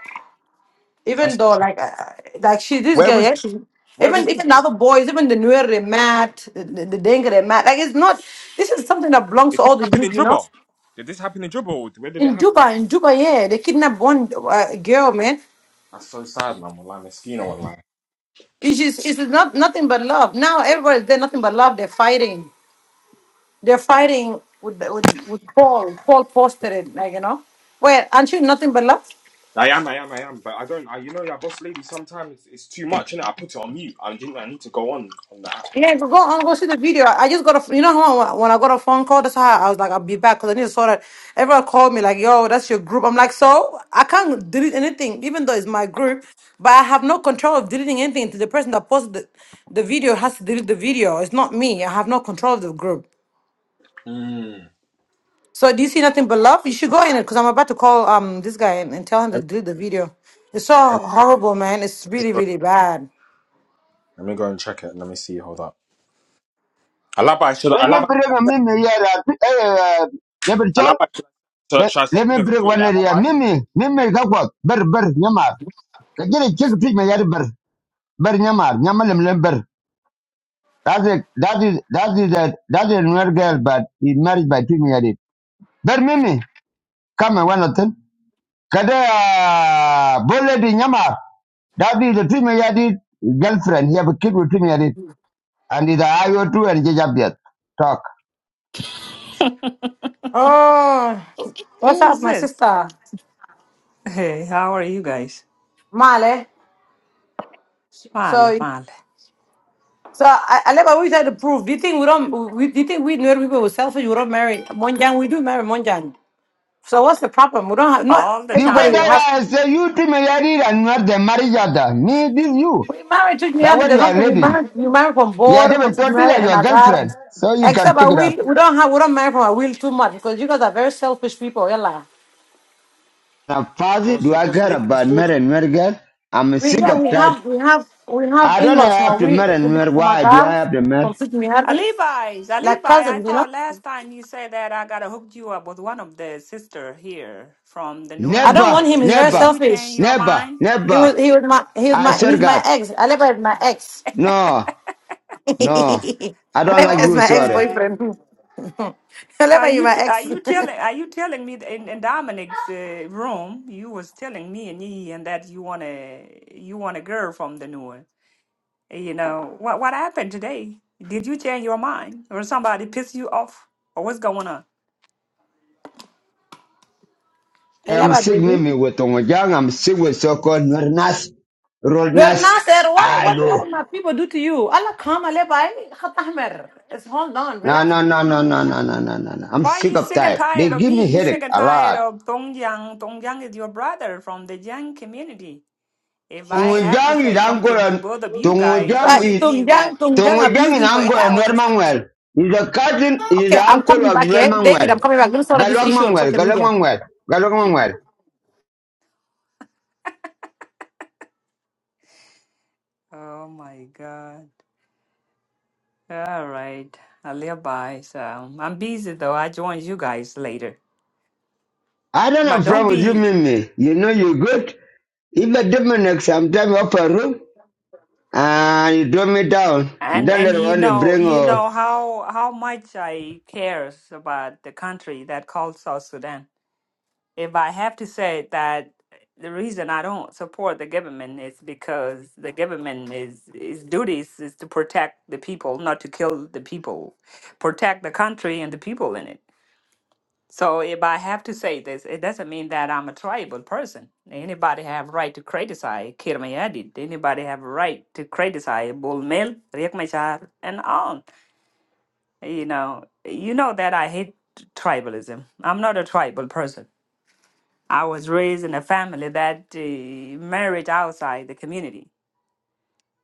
even
That's,
though, like, uh, like she, this
where
girl,
was
yeah, she,
where was
even
this?
even the other boys, even the newer they mad, the, the, the Dengue they mad. Like, it's not. This is something that belongs
Did
to
this
all the
happen in
youth, you know.
Dribble? Did this happen in Dribble? Where did it
In
happen?
Dubai, in Dubai, yeah, they kidnapped one uh, girl, man.
That's so sad, man. Well, I'm Eskino online.
It's just it's not nothing but love. Now everybody's there, nothing but love. They're fighting. They're fighting with the, with, with Paul. Paul posted it, like you know. Wait, aren't you nothing but love?
I am, I am, I am, but I don't. I, you know, that boss lady. Sometimes it's, it's too much, and I put it on mute. I didn't. I need to go on on the app.
Yeah, go on, go see the video. I just got a, you know how when I got a phone call, that's how I was like, I'll be back because I need to sort that. Everyone called me like, yo, that's your group. I'm like, so I can't delete anything, even though it's my group, but I have no control of deleting anything. To the person that posted the, the video has to delete the video. It's not me. I have no control of the group.
Mm.
So do you see nothing but love? You should go in it because I'm about to call um this guy and, and tell him to
Let, me,
do the video. It's
let
so
me
horrible, man. It's really,
go,
really bad.
let me go and check it. Let me see. Hold up. Alaba, should I,
let me
Alaba,
bring a me, uh, never
Alaba, should I, so,
let,
should I send
let
you
me
the
break
video?
one
Yeah,
area.
Alaba.
Mimi, Mimi, Gawat, Ber, Ber, Nyamar. Get a chick me Yari Ber, Ber, Nyamar, Nyamalim, lem Ber. That's it, that is, that is, that, that is another girl, but he married by treatment, Yari. Ber, Mimi, come and one of them. Kada, Boledi, Nyamar. That is the treatment, Yari, girlfriend. He have a kid with treatment, Yari. And it's a IO2 and Jajabiat. Talk.
Oh, what's
Who
up,
is
my
this?
sister
Hey, how are you guys?
Male?
Pale,
So,
pale.
so I, I never always had to prove. Do you think we don't? We, do you think we know people were selfish? We don't marry Monjan. We do marry Monjan. So what's the problem? We don't have not
All the
Because that
everybody
time.
has.
why I was say you treatment, Yari, and not the marriage other. Me, this you.
We married to
That
Nyani.
what
There's
you are
something we
lady.
married. You married from
Yeah,
Bor, from
David told me
Nyani
that
and
your
Azar.
girlfriend, so you can
Except I
pick it up.
will. We don't have. We don't marry from a will too much because you guys are very selfish people. Yalla.
Now,
Oh,
Fazi, do
so
I
boss
care
lady, I
about
saw the.
marrying and marry girl? I'm
we
sick
yeah
of
we
that.
have we have we have
I don't
in-laws from a
have to
we
marry and marry.
from
Why do I
Azar,
have to
from
marry?
Nyani,
Alibis,
like
Alibi, I
cousins. You know,
thought last time you said that I gotta hook you up with one of the sister here from the Noor
I don't
Never,
want him. He's
community.
very
Did
never,
you change
selfish.
your
never,
mind?
He
never.
was he was my he was
I
my
swear
he's my
God,
ex. Aleba is my ex.
no, no. I don't
Aleba
like
is
you,
my ex
sorry.
Okay.
boyfriend.
Are
Aleba, you
you
my
t- are
ex.
you telling are you telling me that in, in Dominic's uh, room you was telling me and Yi and that you want to you want a girl from the Noor? You know, what what happened today? Did you change your mind? Or somebody piss you off? Or what's going on?
I am
Aleba,
sick,
baby.
Mimi, with Tongjang. I'm sick with so-called Nas,
Nuer
Rodnas.
Nasser, why
I
what what
do.
my people do to you? Allah come Allah by Khat Ahmer. It's hold on,
No,
relax.
no, no, no, no, no, no, no, no. no. I'm
Why are
sick
you
of
sick and
that. They
tired of
give
me?
me
You sick
headache
and
a
tired
lot.
of Dong Yang. Dong Yang is your brother from the Yang community. If I have to
Tongugang is
say something to
Angora.
both of you guys, it
Right,
Tongugang
would
is
Tung
mean
Jang,
that.
Tung Jang
Tongugang
abused
in
him for eight
Angora
hours.
Normanwell. Is a cousin, is
Okay,
the
I'm
uncle
coming
of
back here. David,
Normanwell.
I'm coming back. Let me sort out this
Galwag
issue on
Manuel,
social
Galwag
media.
Manuel, Galwag Manuel.
Oh my God. All right. I live by. So I'm busy though. I join you guys later.
I don't
But
have
don't
problem with you,
be
Mimi. You know you're good. If a Dominic sometime off a room and you throw me down, and
And
then they
and you
want to
know
bring
you
uh
know how how much I cares about the country that called South Sudan. If I have to say that the reason I don't support the government is because the government is its duties is to protect the people, not to kill the people, protect the country and the people in it. So if I have to say this, it doesn't mean that I'm a tribal person. Anybody have right to criticize Kirmayadid. Anybody have a right to criticize Bulmel, Riek Machar, and on. You know, you know that I hate tribalism. I'm not a tribal person. I was raised in a family that uh, married outside the community.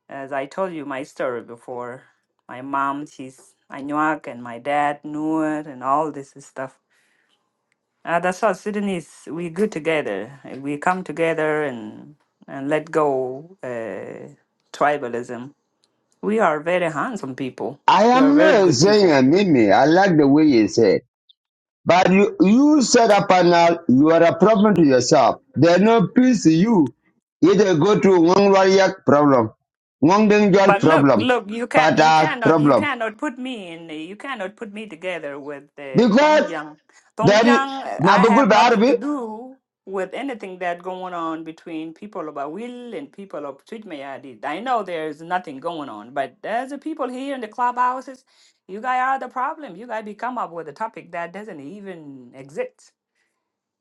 As I told you my story before, my mom, she's Anuak, and my dad, Nur, and all this stuff. Uh, that's all Sudanese, we good together. Uh, We come together and, and let go uh, tribalism. We are very handsome people.
I
We are
am
very
not
good people
saying a Mimi. I like the way you say it. But you, you set up panel, you are a problem to yourself. There are no peace to you. Either go to Wang Loyak problem, Wang Dengjol
But look,
problem,
look, you can you
Pata
cannot you
problem.
cannot put me in you cannot put me together with uh,
Because
Tongjiang,
that is
Thongjiang, I have
Mabugul
nothing
Barbi,
to do with anything that going on between people of Awil and people of Tujmayadi. I know there's nothing going on, but there's the people here in the clubhouses. You guys are the problem. You guys be come up with a topic that doesn't even exist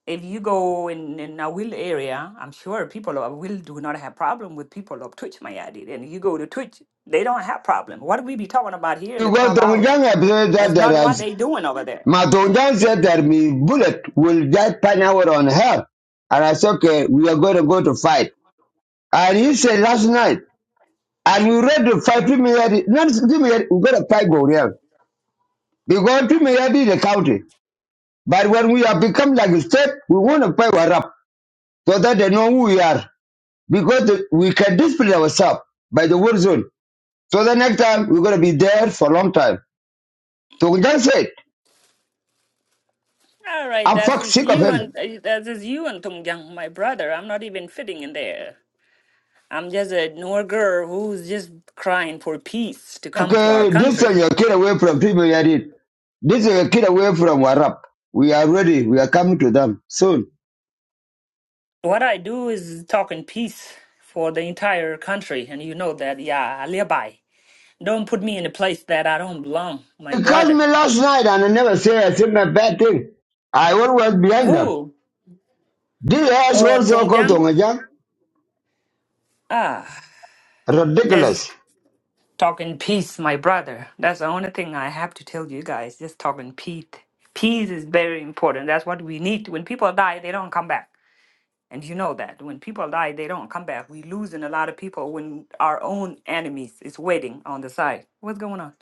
if you go in in a will area, I'm sure people of will do not have problem with people of Twitch Mayadi. And you go to Twitch, they don't have problem. What we be talking about here in the
you go to
clubhouse
Dongjang episode
is
that
not
there
what
is
they doing over there.
Madongjang
Mm.
said that me bullet will get panel on her. And I said, okay, we are going to go to fight. And he said last night, and we read the fight, give me, not give me, we're going to fight Goriel. Because we may be the county. But when we have become like a state, we want to pay our up so that they know who we are. Because the- we can discipline ourselves by the war zone. So the next time, we're going to be there for a long time. So we just said,
All right,
I'm
that
fuck
is
sick of
you
him.
and uh, that is you and Tumgyang, my brother. I'm not even fitting in there. I'm just a Noor girl who's just crying for peace to come to our
Okay, this is
country.
your kid away from people I did. This is a kid away from Warap. We are ready. We are coming to them soon.
What I do is talk in peace for the entire country, and you know that. Yeah, alibi. Don't put me in a place that I don't belong, my
They called
brother.
me last night and I never say a single bad thing. I always behind them.
Who?
This asshole
Oh,
also called
Tongjang?
Tongajan.
Ah,
Ridiculous.
just talk in peace, my brother. That's the only thing I have to tell you guys. Just talk in peace. Peace is very important. That's what we need. When people die, they don't come back. And you know that. When people die, they don't come back. we losing a lot of people when our own enemies is waiting on the side. What's going on?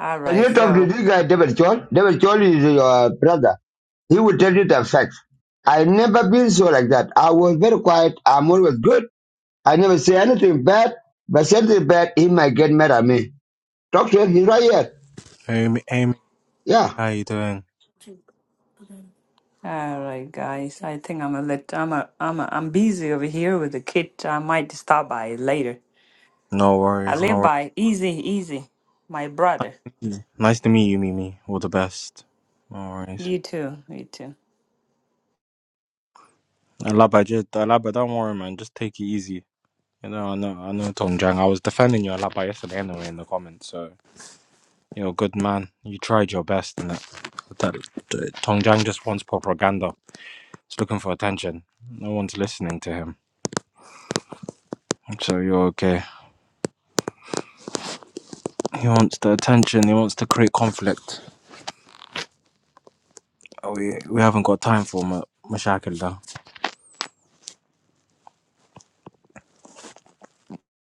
All
Can
right,
you talk to
so.
this guy, David Chol? David Chol is your brother. He will tell you to have sex. I never been so like that. I was very quiet. I'm always good. I never say anything bad, but something bad, he might get mad at me. Talk to him. He's right here.
Hey, Amy, Amy,
Yeah.
how you doing?
All right, guys. I think I'm a lit. I'm a. I'm a. I'm busy over here with the kid. I might stop by later.
No
I
worries, no worries.
live by easy, easy. My brother.
Yeah. Nice to meet you, Mimi. All the best. No worries.
You too. You too.
Alaba, just, Alaba, don't worry, man. Just take it easy. You know, I know, I know, Tom Jang. I was defending you, Alaba, yesterday anyway in the comments. So, you know, good man. You tried your best, and that, that, that Tong Jang just wants propaganda. He's looking for attention. No one's listening to him. So you're okay. He wants the attention. He wants to create conflict. Oh, We we haven't got time for ma- mashakal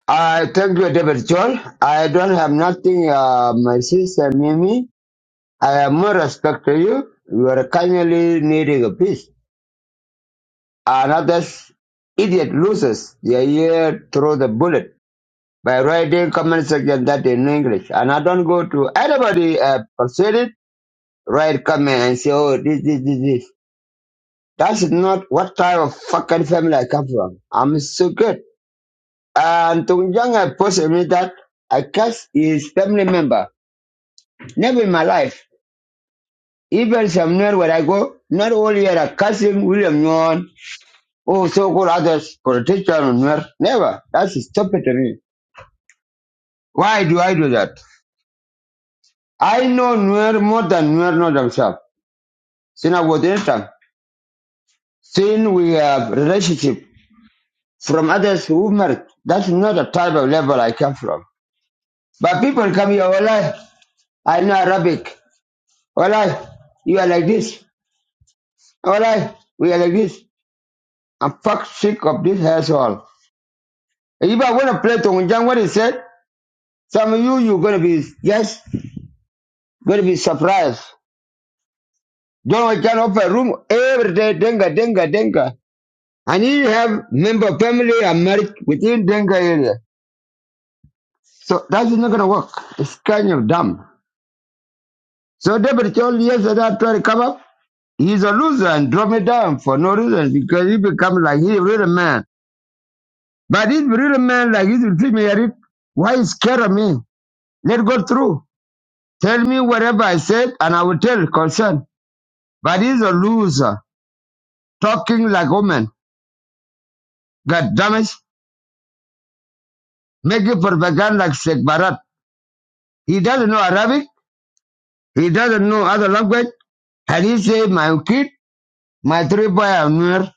I thank you, David Chol. I don't have nothing, uh, my sister Mimi. I have more respect to you. You are kindly needing a peace. And others, idiot losers, they are here throw the bullet. by writing comment section that in English. And I don't go to anybody uh, persuade write comment and say, oh, this, this, this, this. That's not what type of fucking family I come from. I'm so good. And Tung Jung had posted me that I cast his family member. Never in my life. Even somewhere where I go, not only had a cousin, William Nguyen, or so-called others, politician, Nguyen. never. That's stupid to me. Why do I do that? I know Nuer more than Nuer know themselves. Sin avoidance. Sin we have relationship from others who married. That's not the type of level I come from. But people come here, Wallahi, I know Arabic. Wallahi, you are like this. Wallahi, we are like this. I'm fuck sick of this asshole. And If I want to play Tongunjang, what he said, some of you, you're going to be, yes, going to be surprised. John can open room every day, denga, denga, denga. And you have member family and married within denga area. So that is not going to work. It's kind of dumb. So David Chol yesterday after to come up. He's a loser and drop me down for no reason because he become like he a real man. But if real man like he's intermediary, why is scared of me? Let go through. Tell me whatever I said and I will tell concern. But he's a loser. Talking like woman. God damn it. Making propaganda like Sheikh Barat. He doesn't know Arabic. He doesn't know other language. And he said, my kid, my three boy are near.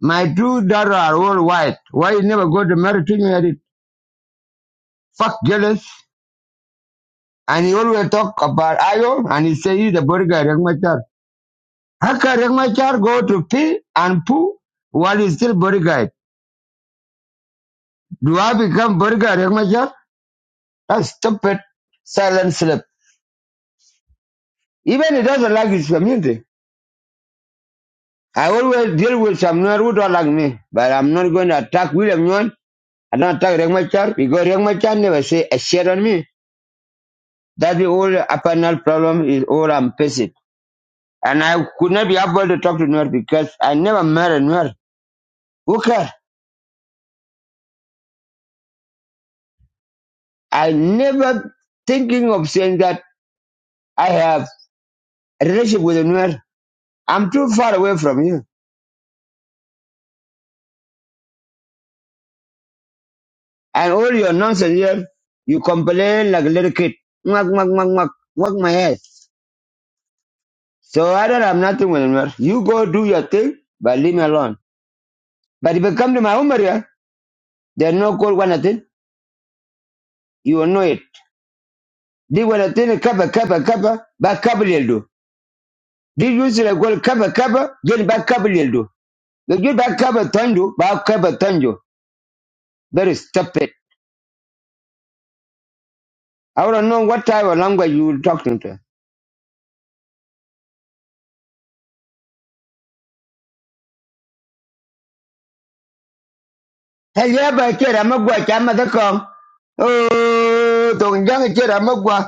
My two daughters are all white. Why you never go to marry to married? Fuck jealous. And he always talk about Ayo and he say he's the body guy, Rengmachar. How can Rengmachar go to pee and poo while he's still body guy? Do I become body guy, Rengmachar? That's stupid. Silent slip. Even he doesn't like his community. I always deal with some Nuer who don't like me, but I'm not going to attack William Nguyen. I don't attack Rengmachar because Rengmachar never say a shit on me. That's the whole apparent problem is all I'm facing. And I could not be able to talk to Nuer because I never met a Nuer. Who I never thinking of saying that I have a relationship with a Nuer. I'm too far away from you. And all your nonsense here, you complain like a little kid. Mwak, mwak, mwak, mwak, mwak my head. So I don't have nothing with a Nuer. You go do your thing, but leave me alone. But if you come to my home area, there's no cold one thing. You will know it. They were a thing, a kappa, kappa, kappa, but kappa will do. This use like well cover cover, get back cover little do. get back cover tanjo, back cover tanjo. Very stupid. I don't know what type of language you were talking to. Hey, yeah, but kid, I'm a boy, I'm a con. Oh, don't young kid, I'm a boy.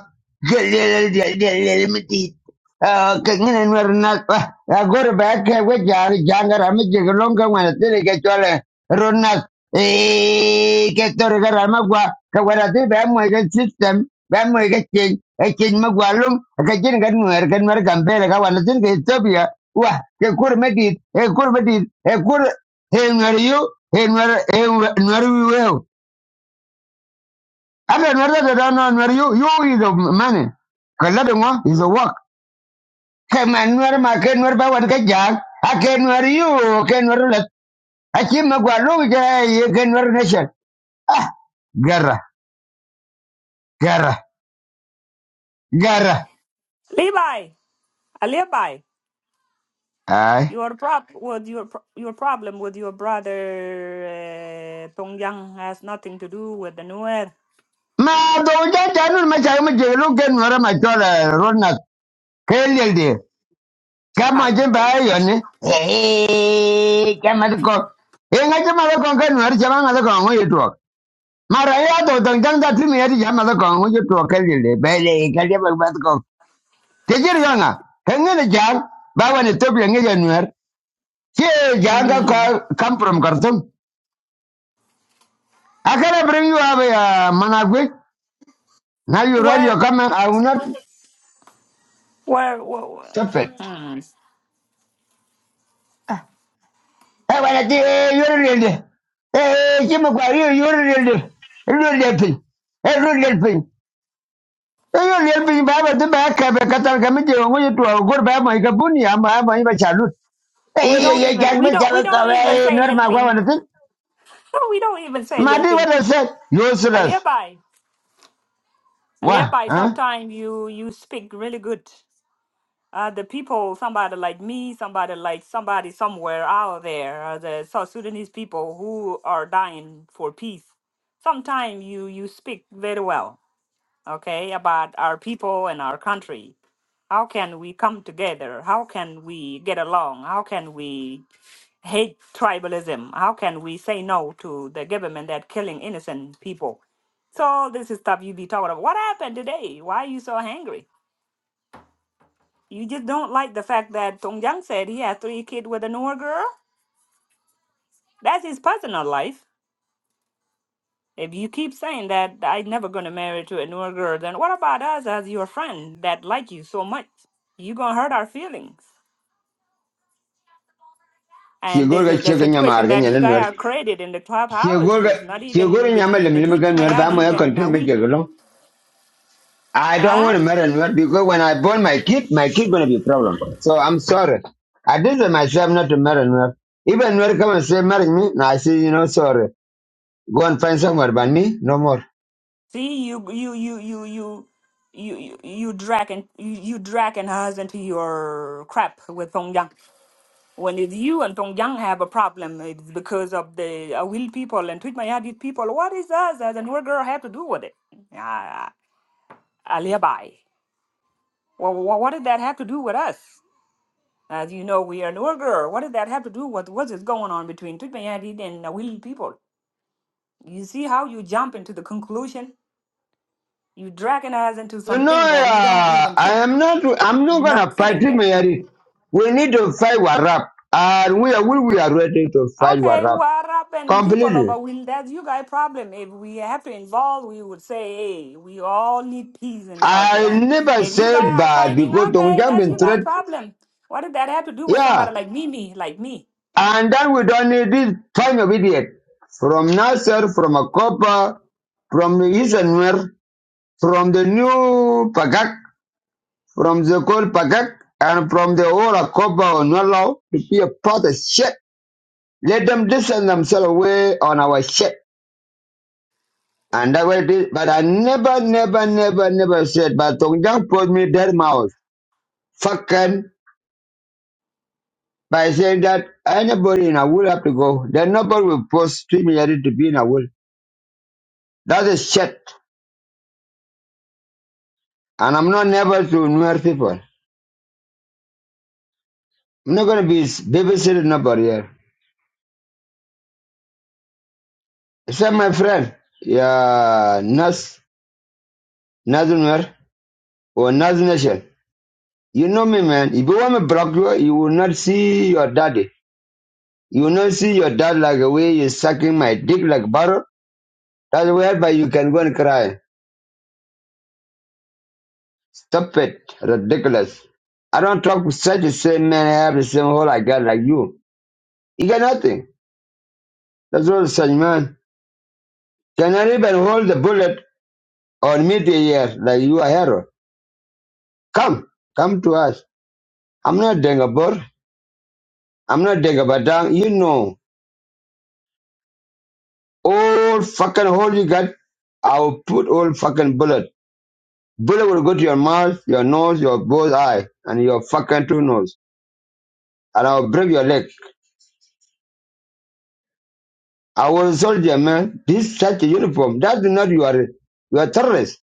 Get little, get little, get little, Ah, kung ano na runat pa, agor I kaya wajar jangar kami jagolong kung ano tili kacol runat. Eh, kator ka rama gua kawarati ba mo ikan system, ba mo ikan change, eh change mo gua lum, i kan mo kan mo kan pera kawan tin ka Ethiopia. Wah, ke kur medit, eh kur medit, Hey, Nweriu, hey, Nwer, hey, Nweriu, well. I mean, Nwer that don't know Nweriu, you is the money. Kalada mo is the work. Hey, man, Nwer, can ke Nwer ba wan ka I can ke Nweriu, ke Nwer let. A chi ma gwa lu ja ye ke Nwer nation. Gara, gara, gara.
Levi, I live by
Ai.
your prop with your pro- your problem with your brother uh, Pyongyang has nothing to do with the Nuer.
Ma do ja ja nu ma cha ma je lu ke Nwer ma chola rona. Ke lel de. Kama
Hi,
Hey,
hi.
ba yo ni. Hey, I ko. Eh, ngache ma le kon ke Nwer chama ngale kon ngi മറയാത്ത തങ്കാത്തി നേരിച്ച് ഞാൻ മതക്കോ അങ്ങോട്ട് തുറക്കല്ലേ പേലേ കളിയ മതക്കോ തെച്ചിരിക്കാങ്ങ എങ്ങനെ ഞാൻ ബാബാൻ എത്തോപ്പി എങ്ങനെയാർ ജാങ്ക
Hmm.
കംപ്രം കർത്തും അക്കരെ bring you up uh, Managui. Now you read your
Where,
comment. I will not
where, where,
stop it.
hmm.
Hey, I want to you're ready. Hey, hey, you, are ready. You're ready. Hey, you're Hey, you're ready. Baba, the back, I can't come to you. I'm to go back. I'm to go I'm going to go
We don't even. We
Jangbe
don't. We
jaga
don't
kawe
even say little
norma gwa
thing.
wana tin.
We don't even say little
Madi
thing.
wada se yosulas.
Alibi,
Wa,
Alibi,
huh?
sometimes you you speak really good. Uh, the people, somebody like me, somebody like somebody somewhere out there, uh, the South Sudanese people who are dying for peace. Sometimes you you speak very well, okay, about our people and our country. How can we come together? How can we get along? How can we? hate tribalism. How can we say no to the government that killing innocent people? So all this is stuff you be talking about. What happened today? Why are you so angry? You just don't like the fact that Tong Jiang said he has three kids with a newer girl. That's his personal life. If you keep saying that I'm never gonna marry to a newer girl, then what about us as your friend that like you so much? You gonna hurt our feelings.
Ki
And
go
this is
get
the situation
nyamar ga
that you
nyana nwer.
guys are created in the
Ki
clubhouse.
gorga
It's not
ki
even
gorga nyama
between the
limlim ga
Twitch
nwer ba mo
Mayadid
ya
and
confuse me
Will.
jegalo. I don't
Huh?
want to marry nwer because when I born my kid, my kid gonna be a problem. So I'm sorry. I did it myself not to marry nwer. Even nwer come and say marry me, I say you know sorry. Go and find somewhere but me no more.
See, you you you you you you you you dragging you, you dragging us into your crap with Song Yang. When it's you and Song Yang have a problem, it's because of the uh, will people and treat my Yadid people. What is us as an old girl have to do with it? Uh, alibi. Well, what did that have to do with us? As you know, we are an old girl. What did that have to do with what is going on between treat my Yadid and uh, will people? You see how you jump into the conclusion? You dragging us into
No,
something that we don't
uh,
even fit.
I am not.
We're
I'm not
not
gonna fight.
sitting
in
there.
it. We need to fight Warab, and we are we, we are ready to fight
Okay,
Warab
what happened, people
completely.
over will that's you guys problem. If we have to involve, we would say, hey, we all need peace in South
I
Sudan.
never
If you guys
said
are
bad
fighting,
because
okay,
Tongjang
that's
been
you
threat.
guys problem. What did that have to do with
Yeah,
somebody like Mimi, like me?
and then we don't need this kind of idiot from Nasser, from Akopa, from Isanwer, from the new Pagak, from the old Pagak, and from the old Akopa or Nolau to be a part of shit. Let them distance themselves away on our ship. And I will be, but I never, never, never, never said, but Tongjang put me dead mouth, fucking, by saying that anybody in a will have to go. Then nobody will post to me to be in a will. That is shit. And I'm not never to newer people. I'm not going to be babysitting nobody here. Except my friend, yeah, Nas, Nas Nuer, or Nas Nation. You know me, man. If you want me to block you, you will not see your daddy. You not see your dad like the way you're sucking my dick like butter. That's whereby you can go and cry. Stop it. Ridiculous. I don't talk with such the same man have the same hole I got like you. You got nothing. That's all such man. Cannot even hold the bullet on me the year like you a hero. Come. Come to us. I'm not Dengabur. I'm not Dengabadang. You know. All fucking hole you got, I'll put all fucking bullet. Bullet will go to your mouth, your nose, your both eye, and your fucking two nose. And I'll break your leg. I was a soldier, man. This such a uniform. That's not you are you are terrorists.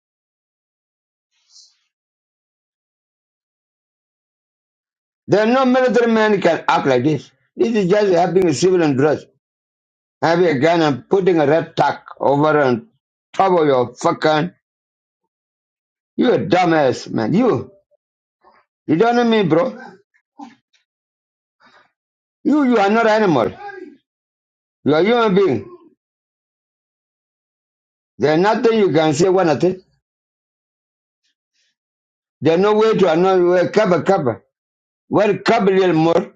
There are no military man can act like this. This is just having a civilian dress, having a gun and putting a red tack over and top of your fucking you a dumbass, man. You you don't know me, bro. You you are not an animal. You are human being. There's nothing you can say one thing. There's no way to annoy you cover cover. Well, Gabriel Moore,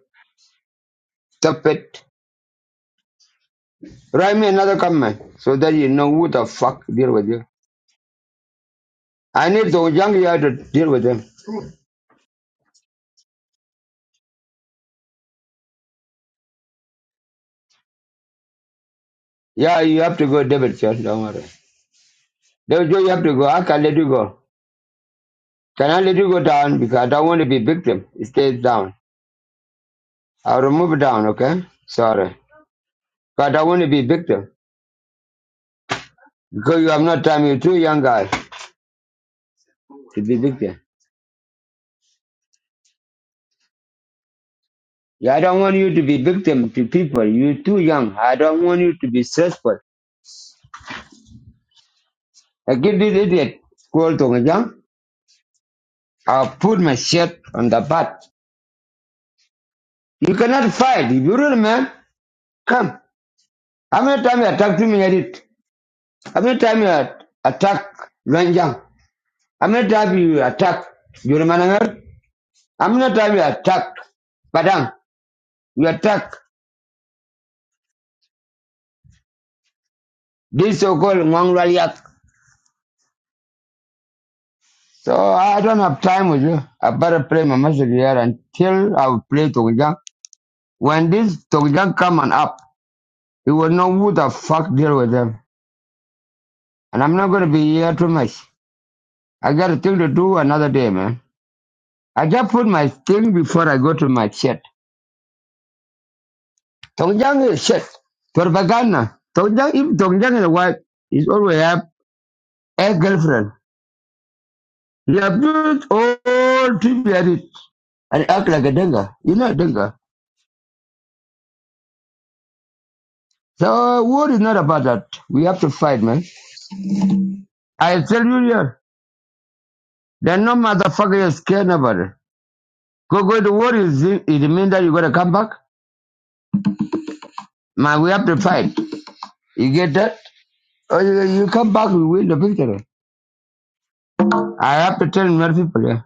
Tappet, write me another comment so that you know who the fuck deal with you. I need the young guy to deal with them. Yeah, you have to go, David. Sir. Don't worry. David, Joe, you have to go. I can let you go. Can I let you go down? Because I don't want to be victim. It stays down. I'll remove it down, okay? Sorry. But I don't want to be victim. Because you have no time. You're too young guy to be victim. Yeah, I don't want you to be victim to people. You're too young. I don't want you to be stressful. I give this idiot. Call to me, yeah? I'll put my shirt on the butt. You cannot fight. If you're a real man, come. How many times you attack to me edit? How many times you attack Ranjang? How many times you attack Jurmanagar? How many times you attack Padang? You attack this so-called Ngong Raliak. So I don't have time with you. I better play my music here until I will play Tokujang. When this Tokujang come and up, it will know who the fuck deal with them. And I'm not going to be here too much. I got a thing to do another day, man. I just put my thing before I go to my chat. Tongjang is shit. Propaganda. Tongjang, if Tongjang is a wife, is always have a girlfriend. You abuse all to be at it and act like a denga. You're not a denga. So war is not about that. We have to fight, man. I tell you here, there are no motherfucker is scared nobody. Go go to war is it it mean that you gotta come back? Man, we have to fight. You get that? Or you, you come back, we win the victory. I have to tell Murphy Pale.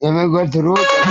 They may go through it.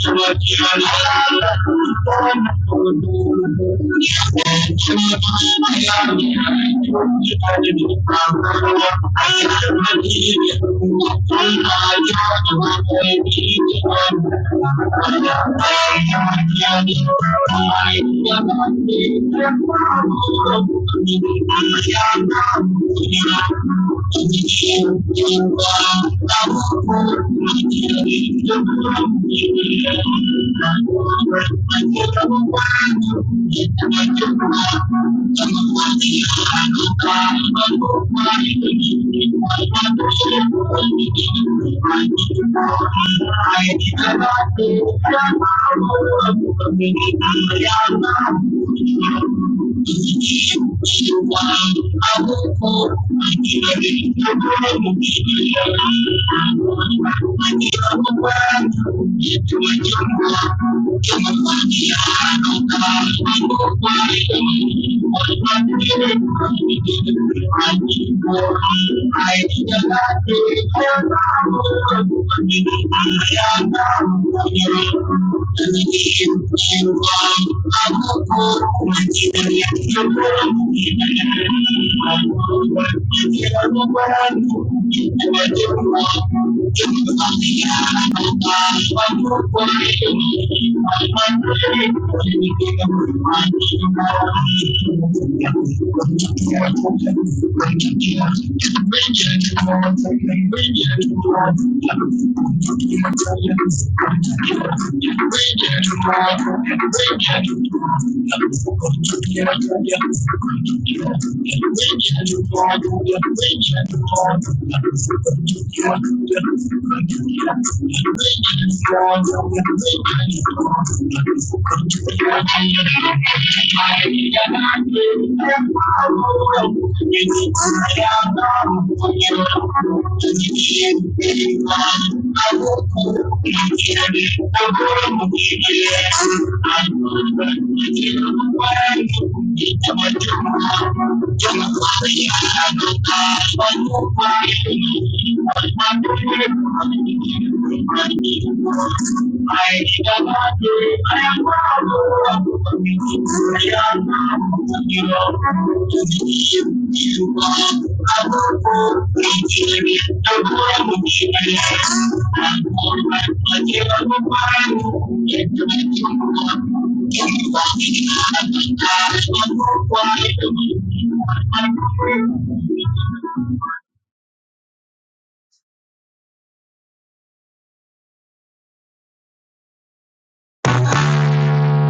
Thank you.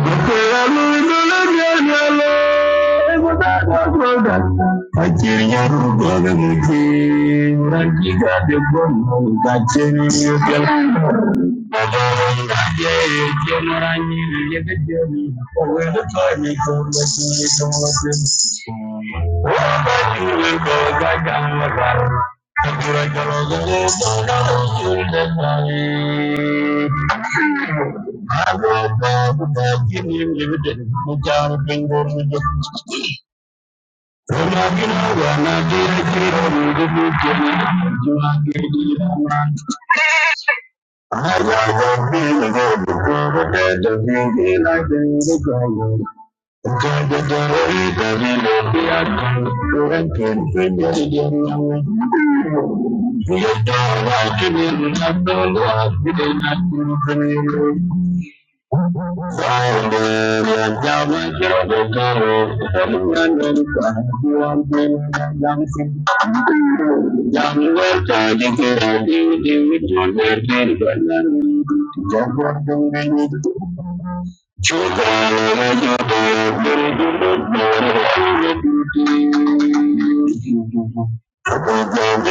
Thank you. I will bow without giving him dividend. Without a thing or anything. When I get out, when I get a kid, I will give you ten. You are getting it online. I love the feeling of the world, and the beauty like the girl. God, the glory, the will be at the end. The end, the end. We adore, I give you the glory, I give you the glory. I I'm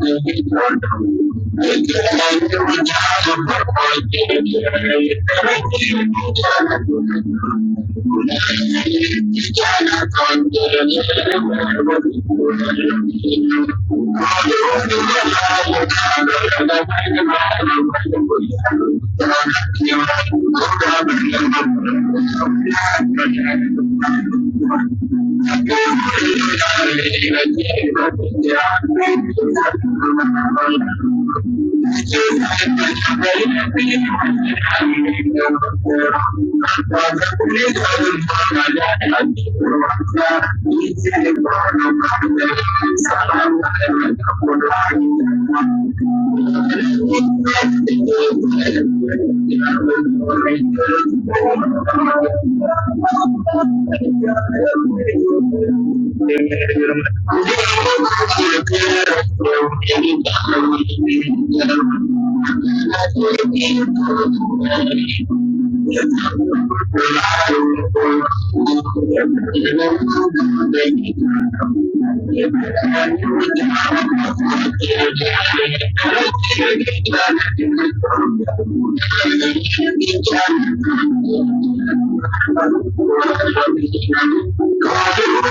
Thank Thank you. Thank you.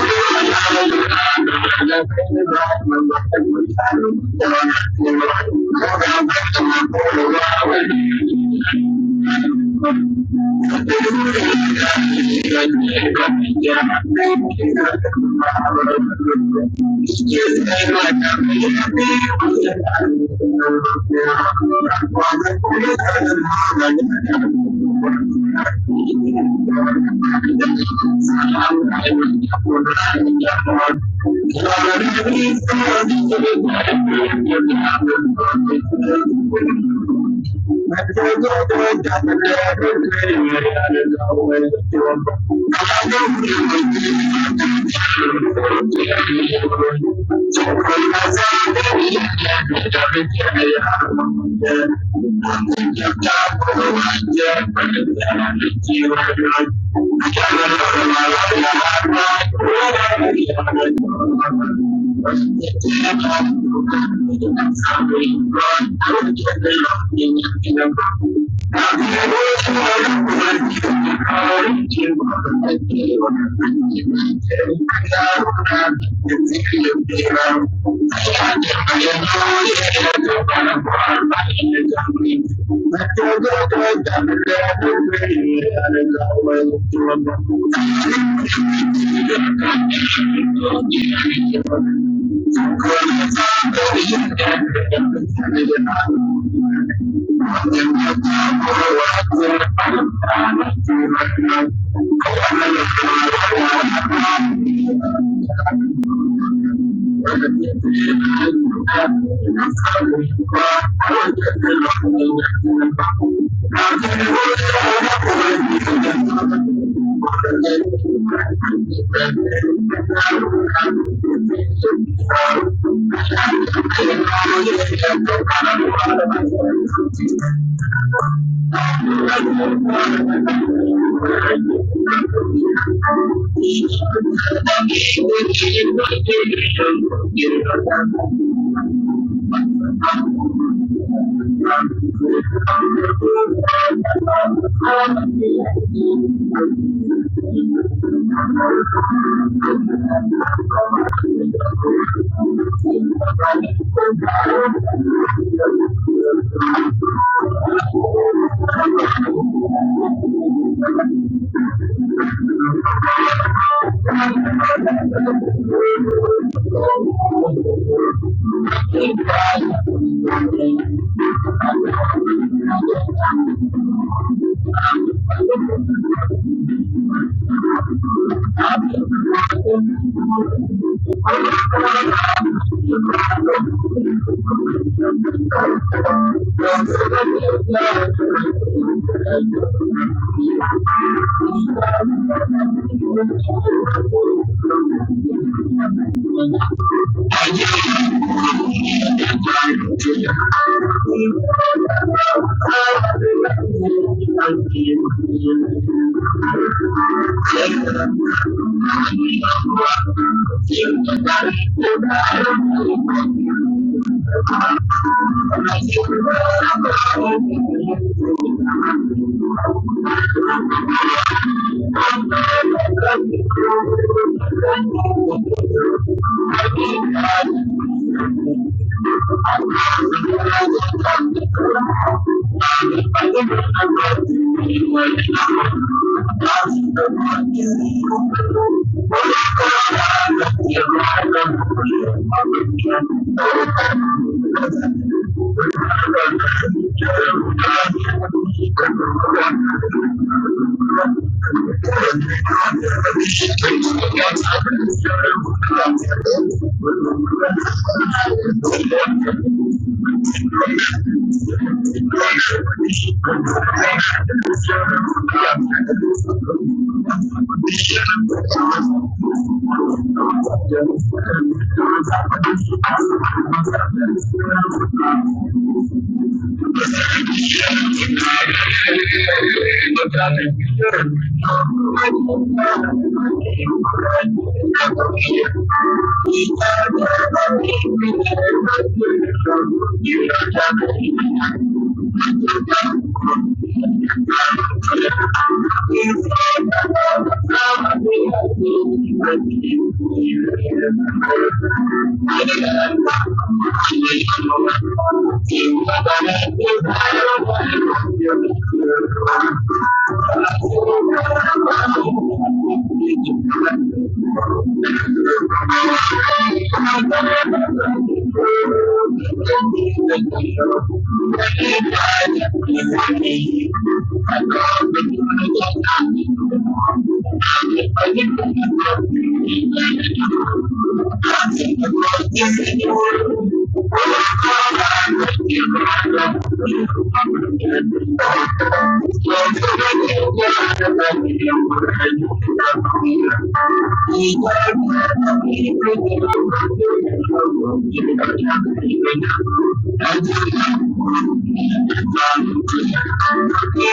Thank you. Thank you. Thank you. Thank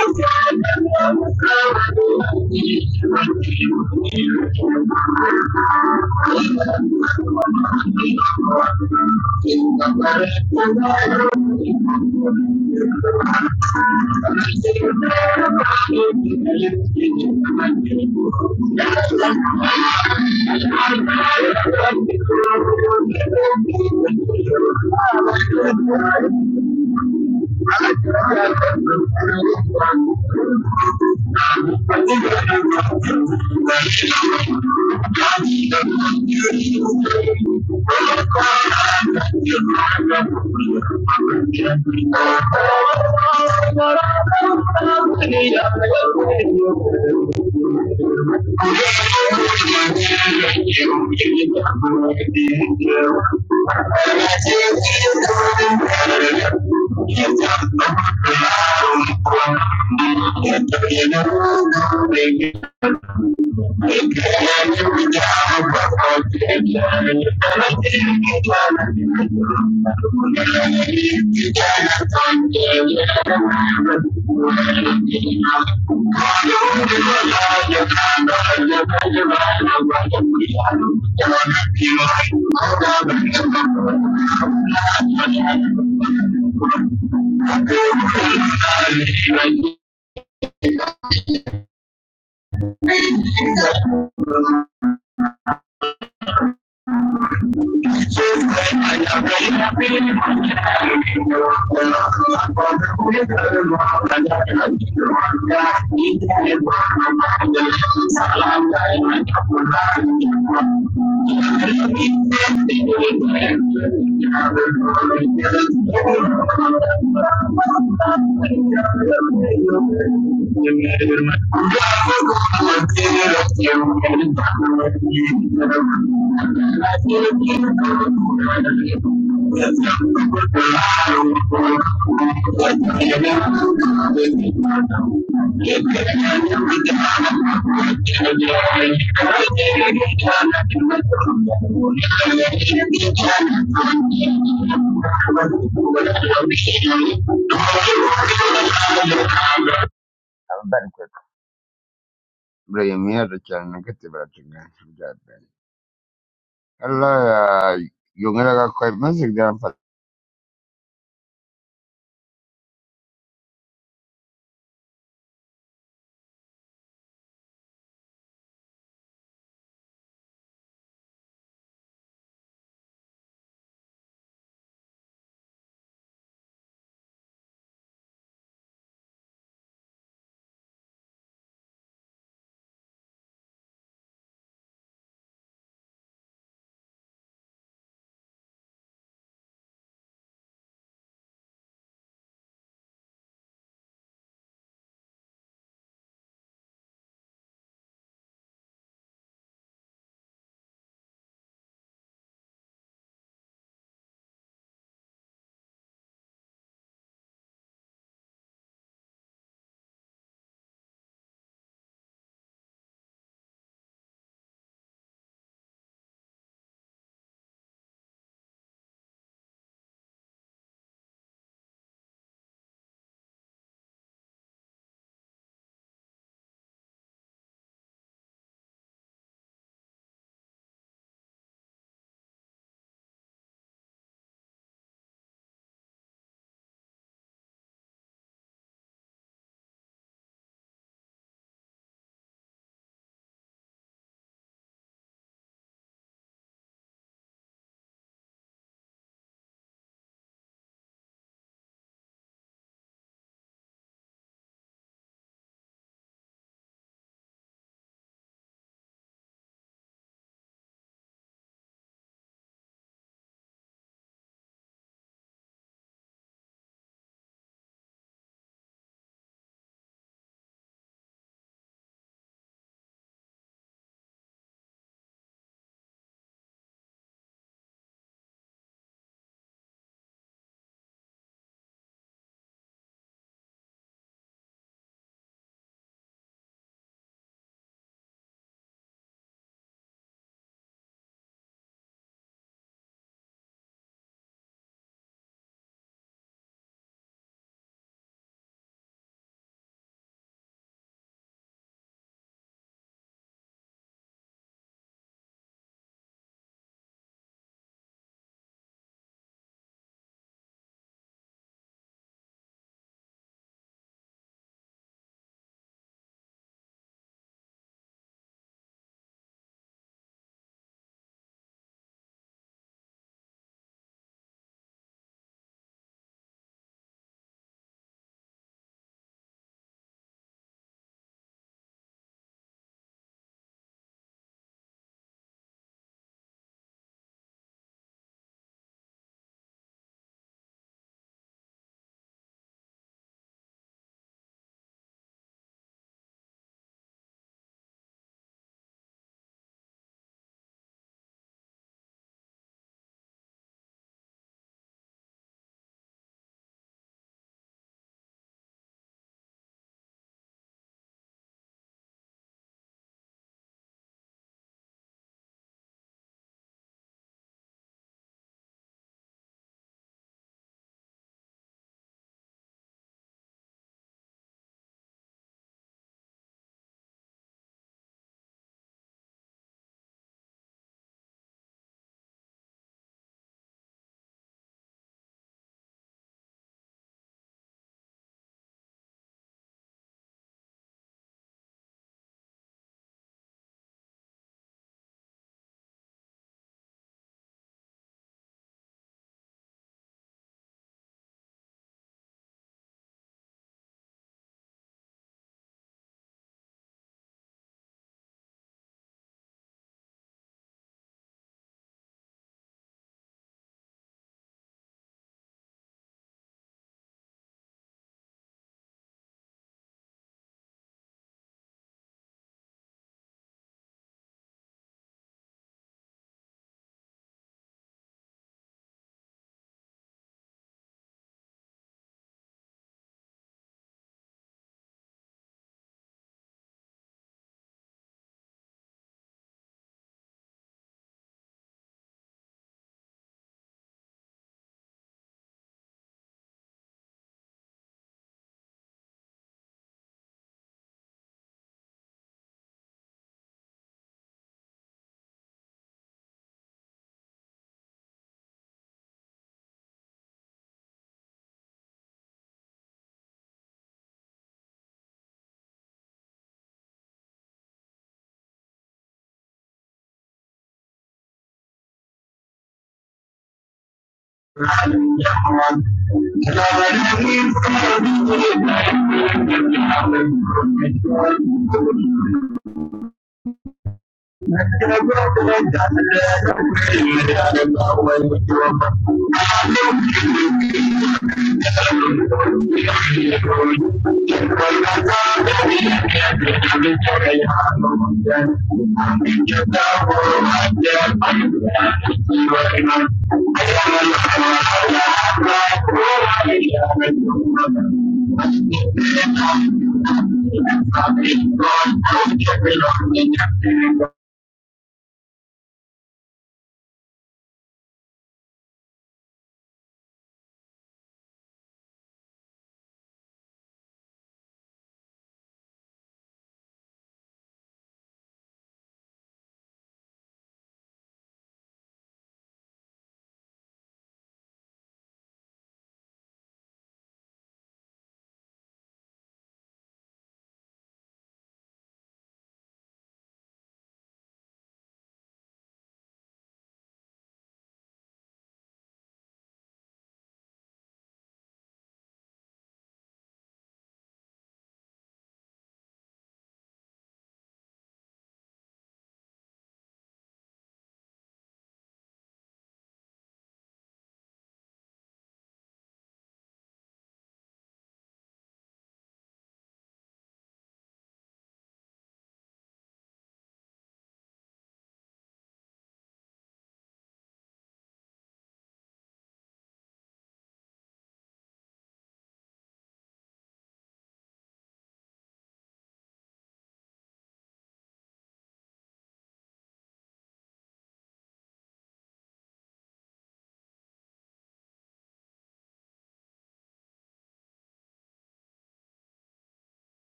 you. Alberto, bula ye miyar kyal na kati bula tinga jabe. Allah ya yongera ga kwai mazik da fa.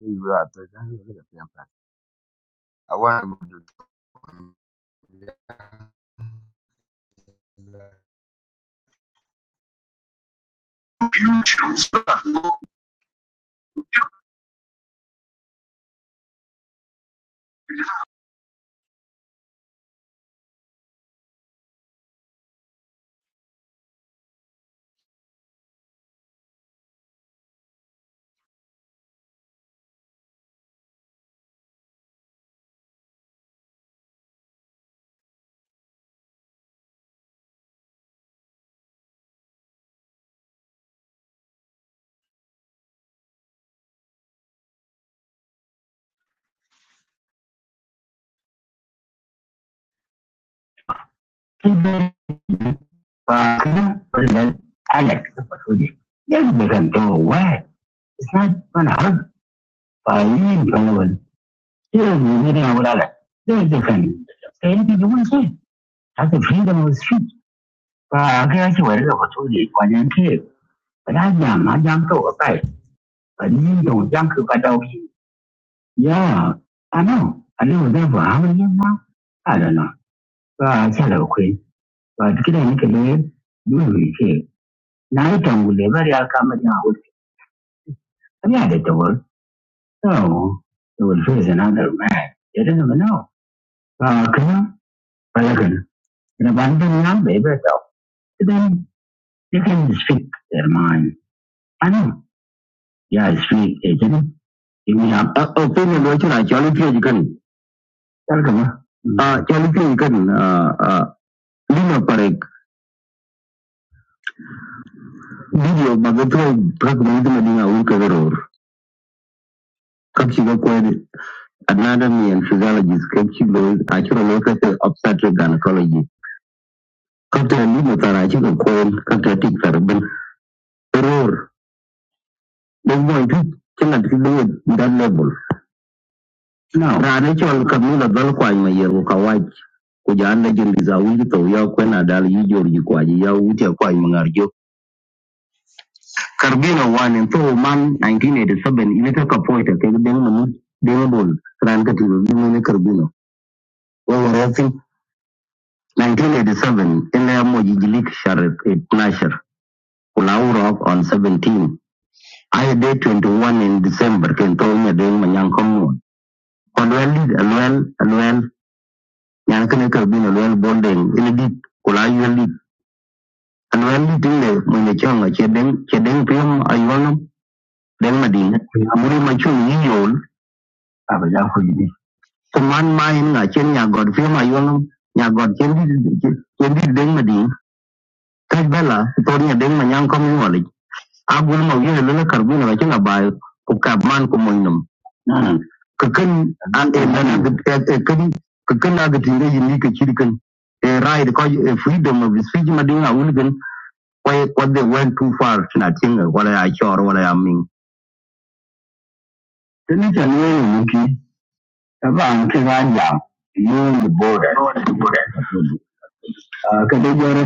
you are the guy who look at them. yes, we can go away. It's not going to hurt by Donovan. Here meeting our Alex. Very different. Anything you want to say. That's the freedom of speech. But I guess you we're going to do it for them too. But I am, I am so upset. But you don't jump to cut off. Yeah, I know. I know that how many years now? I don't know. but I said okay But kira ni kene dun wi ke. Na ita ngule bari aka ma ya wuri. Bari ya da ta No. It will face another man. Ya da ba no. Ba kana bala kana. Ina ban ban ya bai Then they can speak their mind. I know. Yeah, speak. Eh, kene. Ini ya. o pene lo chira chali pye jikan Kar kama. a chali pye jikan a lino parek video magatro prak mangdima dinga un kagoror kapsi anatomy and physiology sketchy lois acuran officer obstetric gynecology kapta ni matara chi ko kon kapta tik sarban error de moy tu kina ti do it that level now ra ne chol kamila dal kwa ma yero ka waj ko janda jindi za wuli to ya kwena dal yi jor yi kwa ji ya wuti kwa yi mangarjo karbino wan to man 1987 ile ka point ke den mun den bol ran ka ti do ne karbino 1987 Elemo Yigilik Sharif 12 Kulaura on 17 I day 21 in December Kentonya Deng Manyang Komun Kodwel Lid Alwel Alwel Yankane Kabin Alwel Bondeng Ilidit Kula Yuel Lid Alwel Lid Ile Mwenye Chonga Chedeng Chedeng Pim Ayuanam Deng Madin Muri machu Yiyol Abaja Kujidi Kuman Main Nga Chen Nyagod Pim Ayuanam Nyagod Chendi Chendi Deng Madin Kaj Bella Tonya Deng Manyang Komun a gul ma lele karbi na bakin abai ku ka man ku moy nam ka kan a e na e kan e right ko e freedom of speech ma dinga wulgan ko they went too far na tinga wala ya chor wala ya min tani tan ne mu ki ba you the border Ah, ka dai jara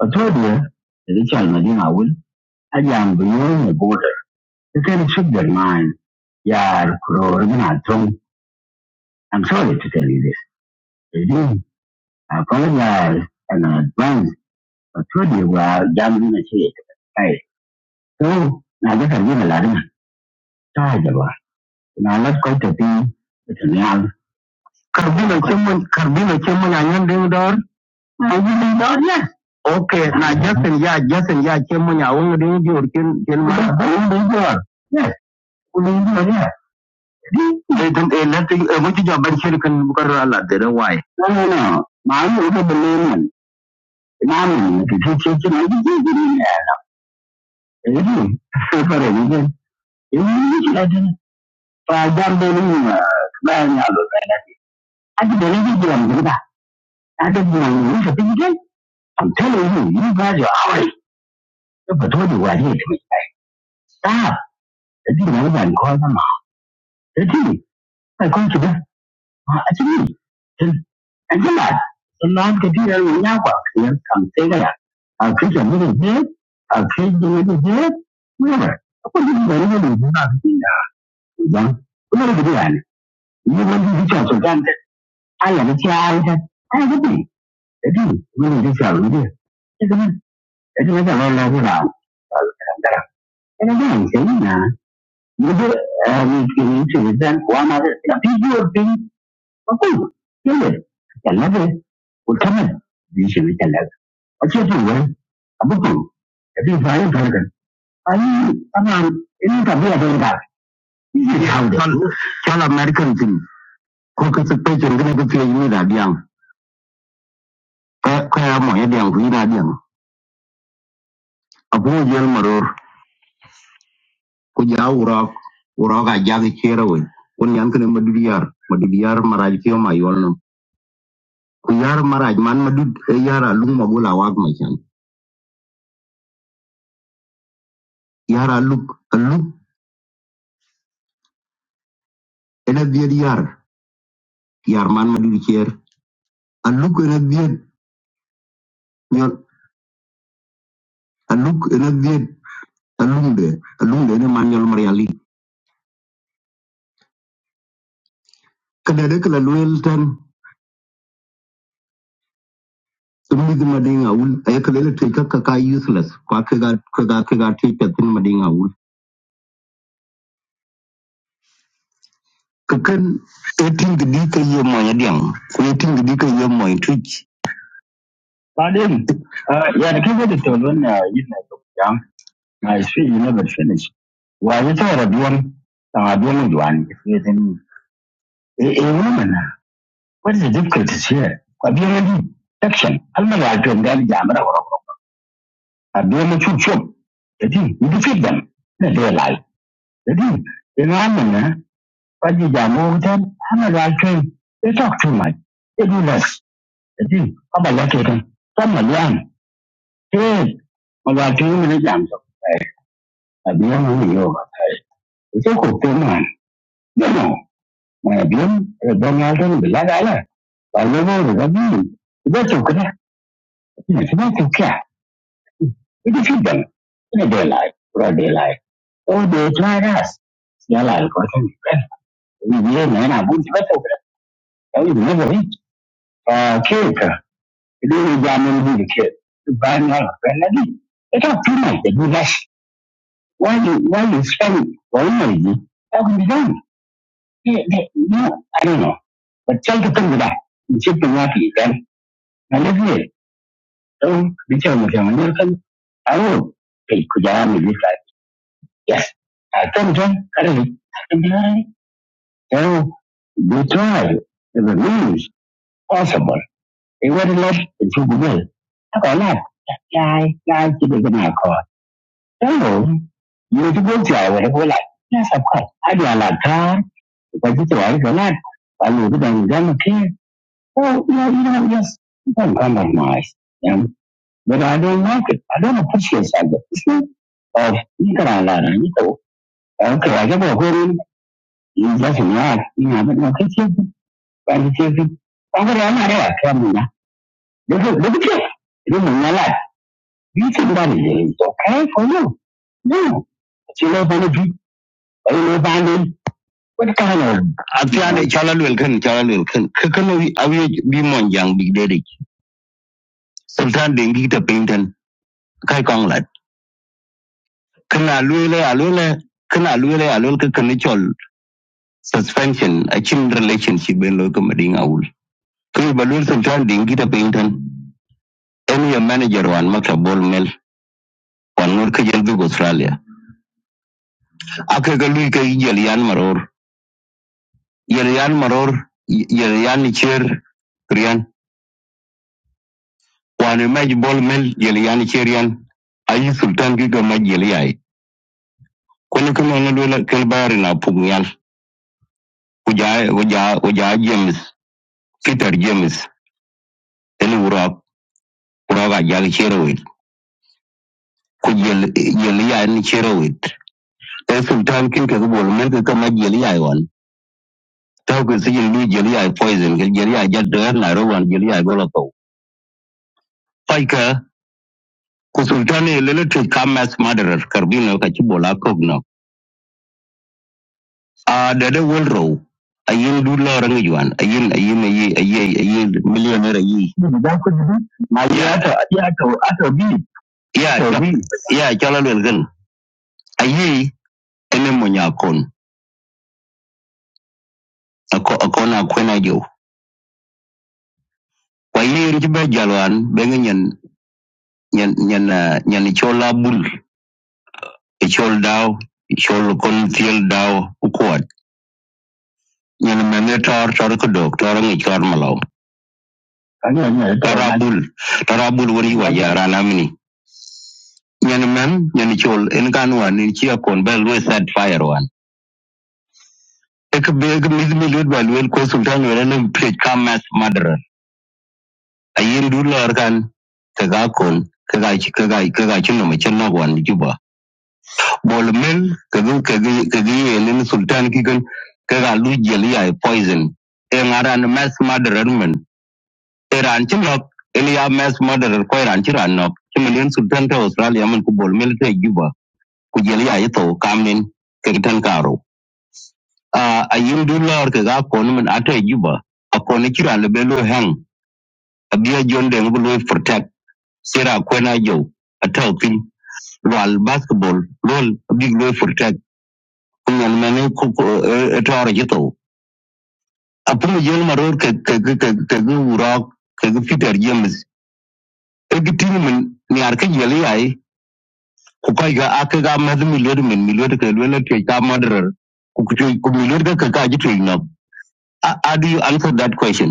a to dia da chal na dinga wul a jam bu yo the border ka Yeah, Raghunatham, I'm sorry to tell you this. Today, I do apologize in advance, but truly we are jamming the shit. Right. So, now this has been a lot of time. Now let's go to the it's a real. Carbino Chimon, Carbino Chimon, and Yendor. Are you do door? I do door, yes. Okay, now Justin, yeah, Justin, yeah, Chimon, I want to do your Chimon. I door. Yes. they eh, eh, why no no no mali o ka belle man imam ki ki ki ki ki ki ki eh eh pare ni ke eh ni ki ladin pa jam be ni ba ni i'm telling you you guys are high the but what you are here stop the thing I was going to call them. The thing I call to them. Ah, I see. And the come on, in non computer we now work here from Sega. A creature moving here, a creature moving here, whatever. Apa dia buat ini ni bukan kita, bukan. Kenapa dia buat? Ini bukan dia bicara sultan. Ayah dia cakap ayah dia, ayah dia ni, jadi mana dia cakap dia? Jadi mana? Jadi macam orang lain orang. Kalau dia yang saya ni, dia ni kini cerita kuah macam, tapi dia pun apa? Dia ni, kalau dia, utama, dia cerita അച്ചേച്ചി അബുക്കു എത്തി സായം തീർക്കൻ അത് അതാണ് എനിക്ക് അഭിയാ ചില American cook ചെറുകിനൊക്കെ ചെയ്യുന്നത് അടിയാണ് കയാമോ അടിയാണ് കുഞ്ഞിന് അടിയാണ് അപ്പോ ഞാൻ മറോർ കുഞ്ഞാ ഉറോ ഉറോ കയ്യാകെ ചേരവൻ kun yan kene madu diyar madu diyar maraj kiyo ma yolnum ku yar maraj man madu yar alum magula wag ma chan yar aluk aluk ena dier yar yar man madu dier aluk ena dier yar aluk ena alumde alumde ne man yol mar yali kada de kala luel tan tumni madinga ul ay kala le tika ka ka useless kwa ke ga ke ga ga ti tin madinga ul ka etin de ka ye ya diam ko etin de ka ye mo tu Pardon. Uh, yeah, the cover the children, uh, you know, young. I see you never finish. Why you thought of one, uh, one one, if you didn't, a, woman, what is the difficulties here? A woman, section. I'm not going to jam it I do should shoot shop. That is, you defeat them. That they lie. That is, in Amman, Pajija Mogutan, Amara train, they talk too much. They do less. The thing, how about That is, Papa Lakota, some of them, hey, Mala train in the jams of I beyond only yoga. It's a good thing, man. You know, my avión, el don Alton, de la gala, para luego de la vida. Yo It is defeat them in a daylight, broad daylight. Or they tried us. Siala algorithm is well. We will learn about the better. That was never it. Uh, character. It is a diamond with the kid. The brand new friend. again. It's not too much. They do less. Why you, why you spend one energy? How can be done? They, they, no, I don't know. But try to think of that. You should be happy then. And if you don't, be sure you're going to I will. take Kujara with this Yes. I come to currently you know, we tried in the news possible. It would not the tribunal. I got that. Yeah, yeah, I did it my car. No, you to go to our like, yes, of course. I do a lot of time, because it's all the lot. I know that I'm going to care. Oh, yeah, you know, yes, you don't compromise. Yeah. But I don't like it. I don't appreciate it. It's not of, you can learn, you know. Okay, I get a whole Yo señor, mira, no, ¿qué siempre? ¿Cuál siempre? Vamos a llamar a la cámara. Dejo, dejo que, dejo una la. Dice que vale de esto, ¿qué? ¿Cómo? No, si lo van a ver, ahí lo van a ver. What kind of Atiane chala lwel kan chala lwel kan kakano awe bi mon jang bi dede sultan den gi ta pinten kai kong lat kana lwele a lwele kana lwele a lwele kakano chol suspension a chin relationship ben lo ka mading awul kai ba lwel sultan den gi ta pinten any manager wan maka bol mel wan ngot ka jel dug australia ake ka lui ka jel yan maror jel yan maror y- jel yan cher rian wan e maj bol mel jel yan cher yan ayi sultan ki ka maj jel yai kono kama na dola kel bayari na pug nyal uja uja uja james peter james ele urap uraga jal cher wit ku jel jel yan cher wit e sultan kin ka bol mel ka maj jel tawke sijil ni jeli poison ke jeli ay jadder na rowan jeli ay golo to paika ku lele te kamas madarar karbino ka bola kogno Ah dede wolro ayin dula orang juan ayin ayin ayin ayin ayin millionaire ayin ma ya ya chala lel gan ayi ene mo nya kon ako ako na kwena jo kwa yiri ci be jalwan be nyen nyen chola bul e chol daw chol kon tiel daw ñene mene tor tor ko dok tor ngi tor malo tarabul tarabul ito tor na abul tor abul wori wa sabi. yara namni ñene men ñene chol en kan wan ni chi akon bel we set fire wan ek be ek mis mi lut bal wel ko sultan wala ne pre kamas madra ayin du lor kan ka ga kon ka ga chi ka ga ka ga chi no me chen no wan juba bol mel ka gu ka gi ka gi en sultan ki kan ka ga lu jeli ay poison en aran mas madra men Iran ci lok ili ya mass murderer ko Iran ci ran nok ci million sultan ta Australia man ku bol military juba ku jel ya yito kamin ke tan karo a ayin du lor ke ga ko man ata juba a ko ni ci ran le belo hang a biya jon de ngulu protect sira ko na jo a talpin wal basketball lol a big lo protect kun yan mane ku tor yito a pum jel maror ke ke ke ke ke wuro ke ke Peter James e gitin min ni ar ke jeli ku ga aka ga mas miliyon min miliyon ka lwela ke ka madarar ku ku ku miliyon ka ka ji tuyi na how do you answer that question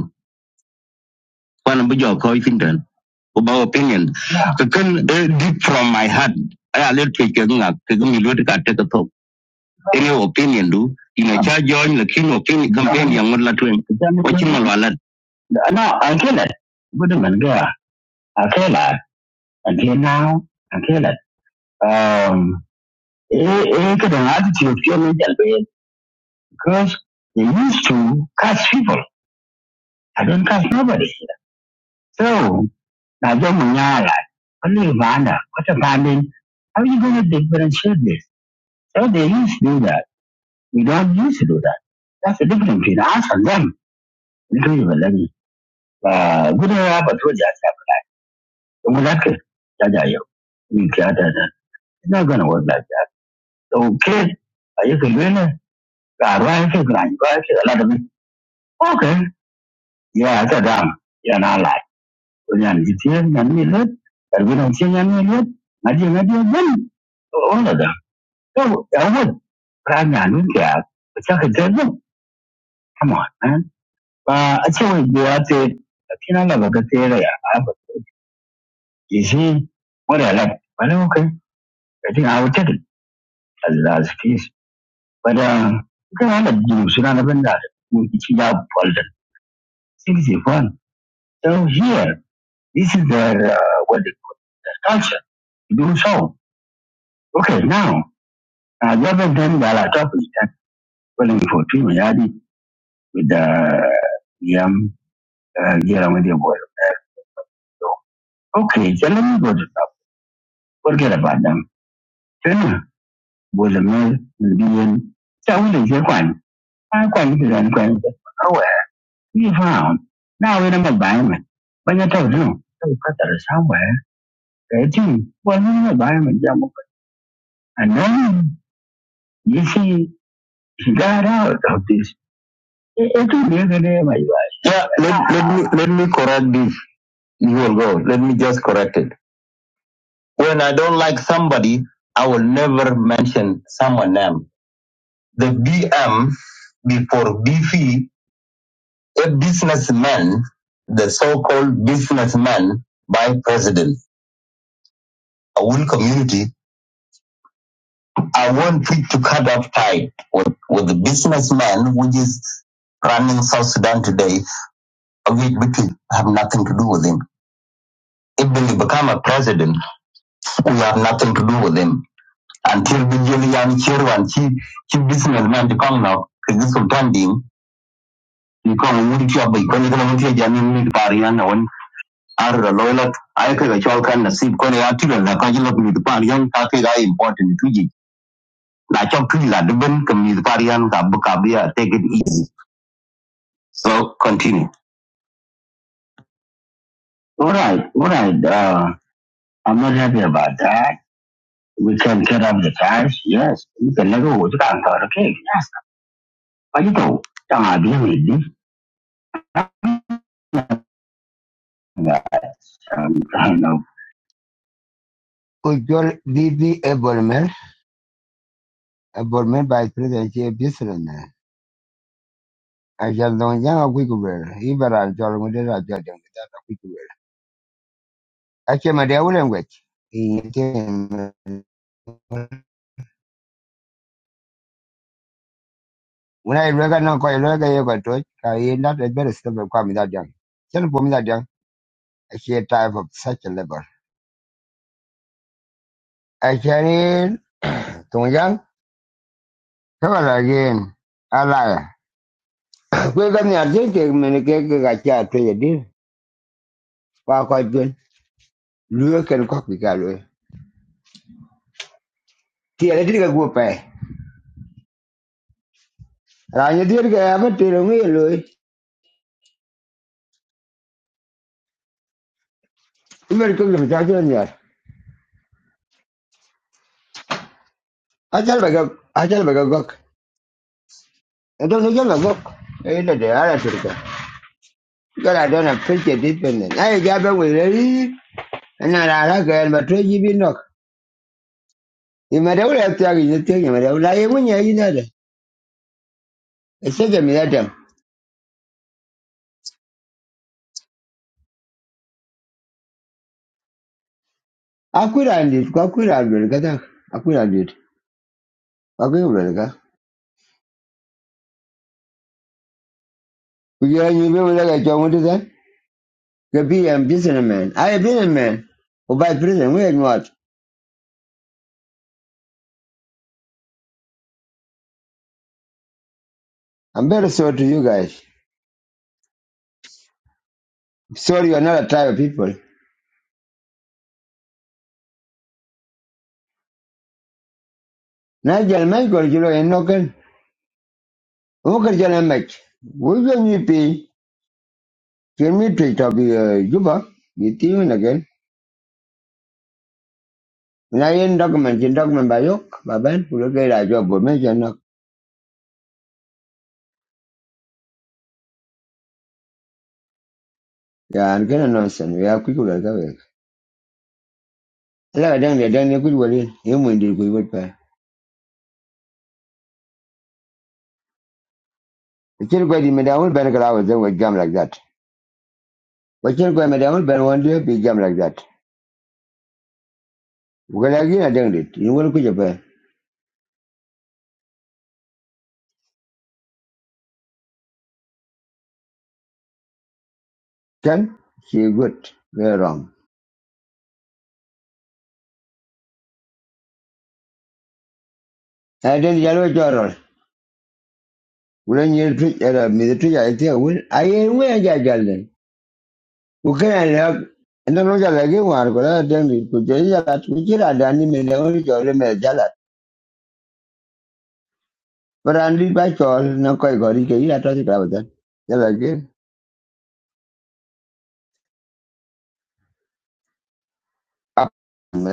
wannan bi jaw kawai fintan ku opinion ka kan eh, deep from my heart I alert ke ke nga ka ga ka ta ka to any opinion do ina cha join la kin opinion campaign yang ngod la tuen ko chin mal walat ana gudun ganga a kai la a kai um eh eh kada na ta ce fiye jalbe because they used to curse people. I don't curse nobody. So, now they munyala, only Uganda, what a banding. How are you going to differentiate this? So they used to do that. We don't used to do that. That's the difference between us and them. Because you were letting, uh, we don't have a two jazz up. So we like it. We care that, that. It's not going to work like that. So, kid, are you going to win it? Ah, right, you Okay. Yeah, it's a damn. Yeah, nah, lah. So now, if there is no miracle, if we don't see no miracle, no, no, no, no. Oh no, no. So, God, pray now, dear. Because it doesn't come on. Ah, I think we have to. But now, what we do? Come on, okay. I think I will check it. Allah's face. But, okay, I'm not doing something. I'm not doing anything. I'm not doing anything. So here, this is their uh, well the culture. you Do so, okay. Now, rather than that topic. Wellin Fortune Yadi with uh, Yam uh, Jeremy the Boy. uh, so, Okay, so let me go to top. Forget about them. Then was a male will be in. So we did your one. I quite did and quite. Oh, well, we found. Now we're in a environment. But you told you. So cut that somewhere. They do. Well, we're in a environment. yeah, okay. And then you see, he got out of this. It, it took me a good day, my God. let, let me I want it to cut off tie with, with the businessman which is running South Sudan today. We Biti have nothing to do with him. If he become a president, we have nothing to do with him. Until Bijeli Yan Chiru and Chi Chi businessman to come now, because this will turn him. You come with your boy, when you come with your Jamin with Parian on Arra Loyal, I could a chalk and a sip, when I article and the cajal with the Parian, Kaka important to you. Now, Chok Tila, the Ben, come with Parian, Kabuka, take it easy. So continue. All right, all right. Uh, I'm not happy about that. We can get up the cash. Yes, you can never go to counter. Okay. Yes. But you know, I'm not I know. Ujol Bibi Ebolmer, Ebolmer by President J. Bisson. I shall know young a quick word. Ibera Jolmuder, I judge him without a quick word. I came at the old language. He When I recognize quite a lot of you got to it, I end up a better stuff of coming that young. Tell me that young. she type of such a level. A sharin, tungyang, travel again, alaya. Kwe kan ya te te mene ke ke ka cha te ye You pa kwa jun, luye ken kwa pika luye. Ti ele tri ka guo pe. Ranya ti ele ka a pa te lo nguye luye. Imer kuk I don't ya. Achal baka, achal baka gok. Ito ni jala gok. Ito de ala turka. Gara dona pilche dipende. Ayo jabe wile, ana rara ka el matwe jibi nok. Imadawla ya tiagi ni tiagi, imadawla ye mwenye yinada. Eseja minatam. Akuirandit, kwakuirandwelka ta. Akuirandit. Kwakuirandwelka. Kujua nyimbe mulaga chomuti ta. Kapi, I'm just a man. I have been a man. Or by prison, we are not. I'm very sorry to you guys. Sorry you're not a type of people. Nigel Michael, you know, and no can. Walker John Mike. We will need pay. Can we treat of the Juba? You think again. Now in document, in document by Yok, by Ben, who look at our job, but mention knock. Yeah, and get a nonsense. We are quick to go. Like down there, down there, good well, you mind it, good well. The chill go to Madame Ben Gravels and with jam like that. But chill go Madame Ben one day, be jam like that. Well, again, I done it. You want to put up Can? She good. Very wrong. I didn't yellow journal. When you treat a military, I think, well, I ain't where I got then. Who can I help? And then I got again one, but I done it. Could you hear that? We chill at Danny Madame Jolie Majalat. But I need by Chol, no quite got it. You are talking about that. Yellow again. Up, man.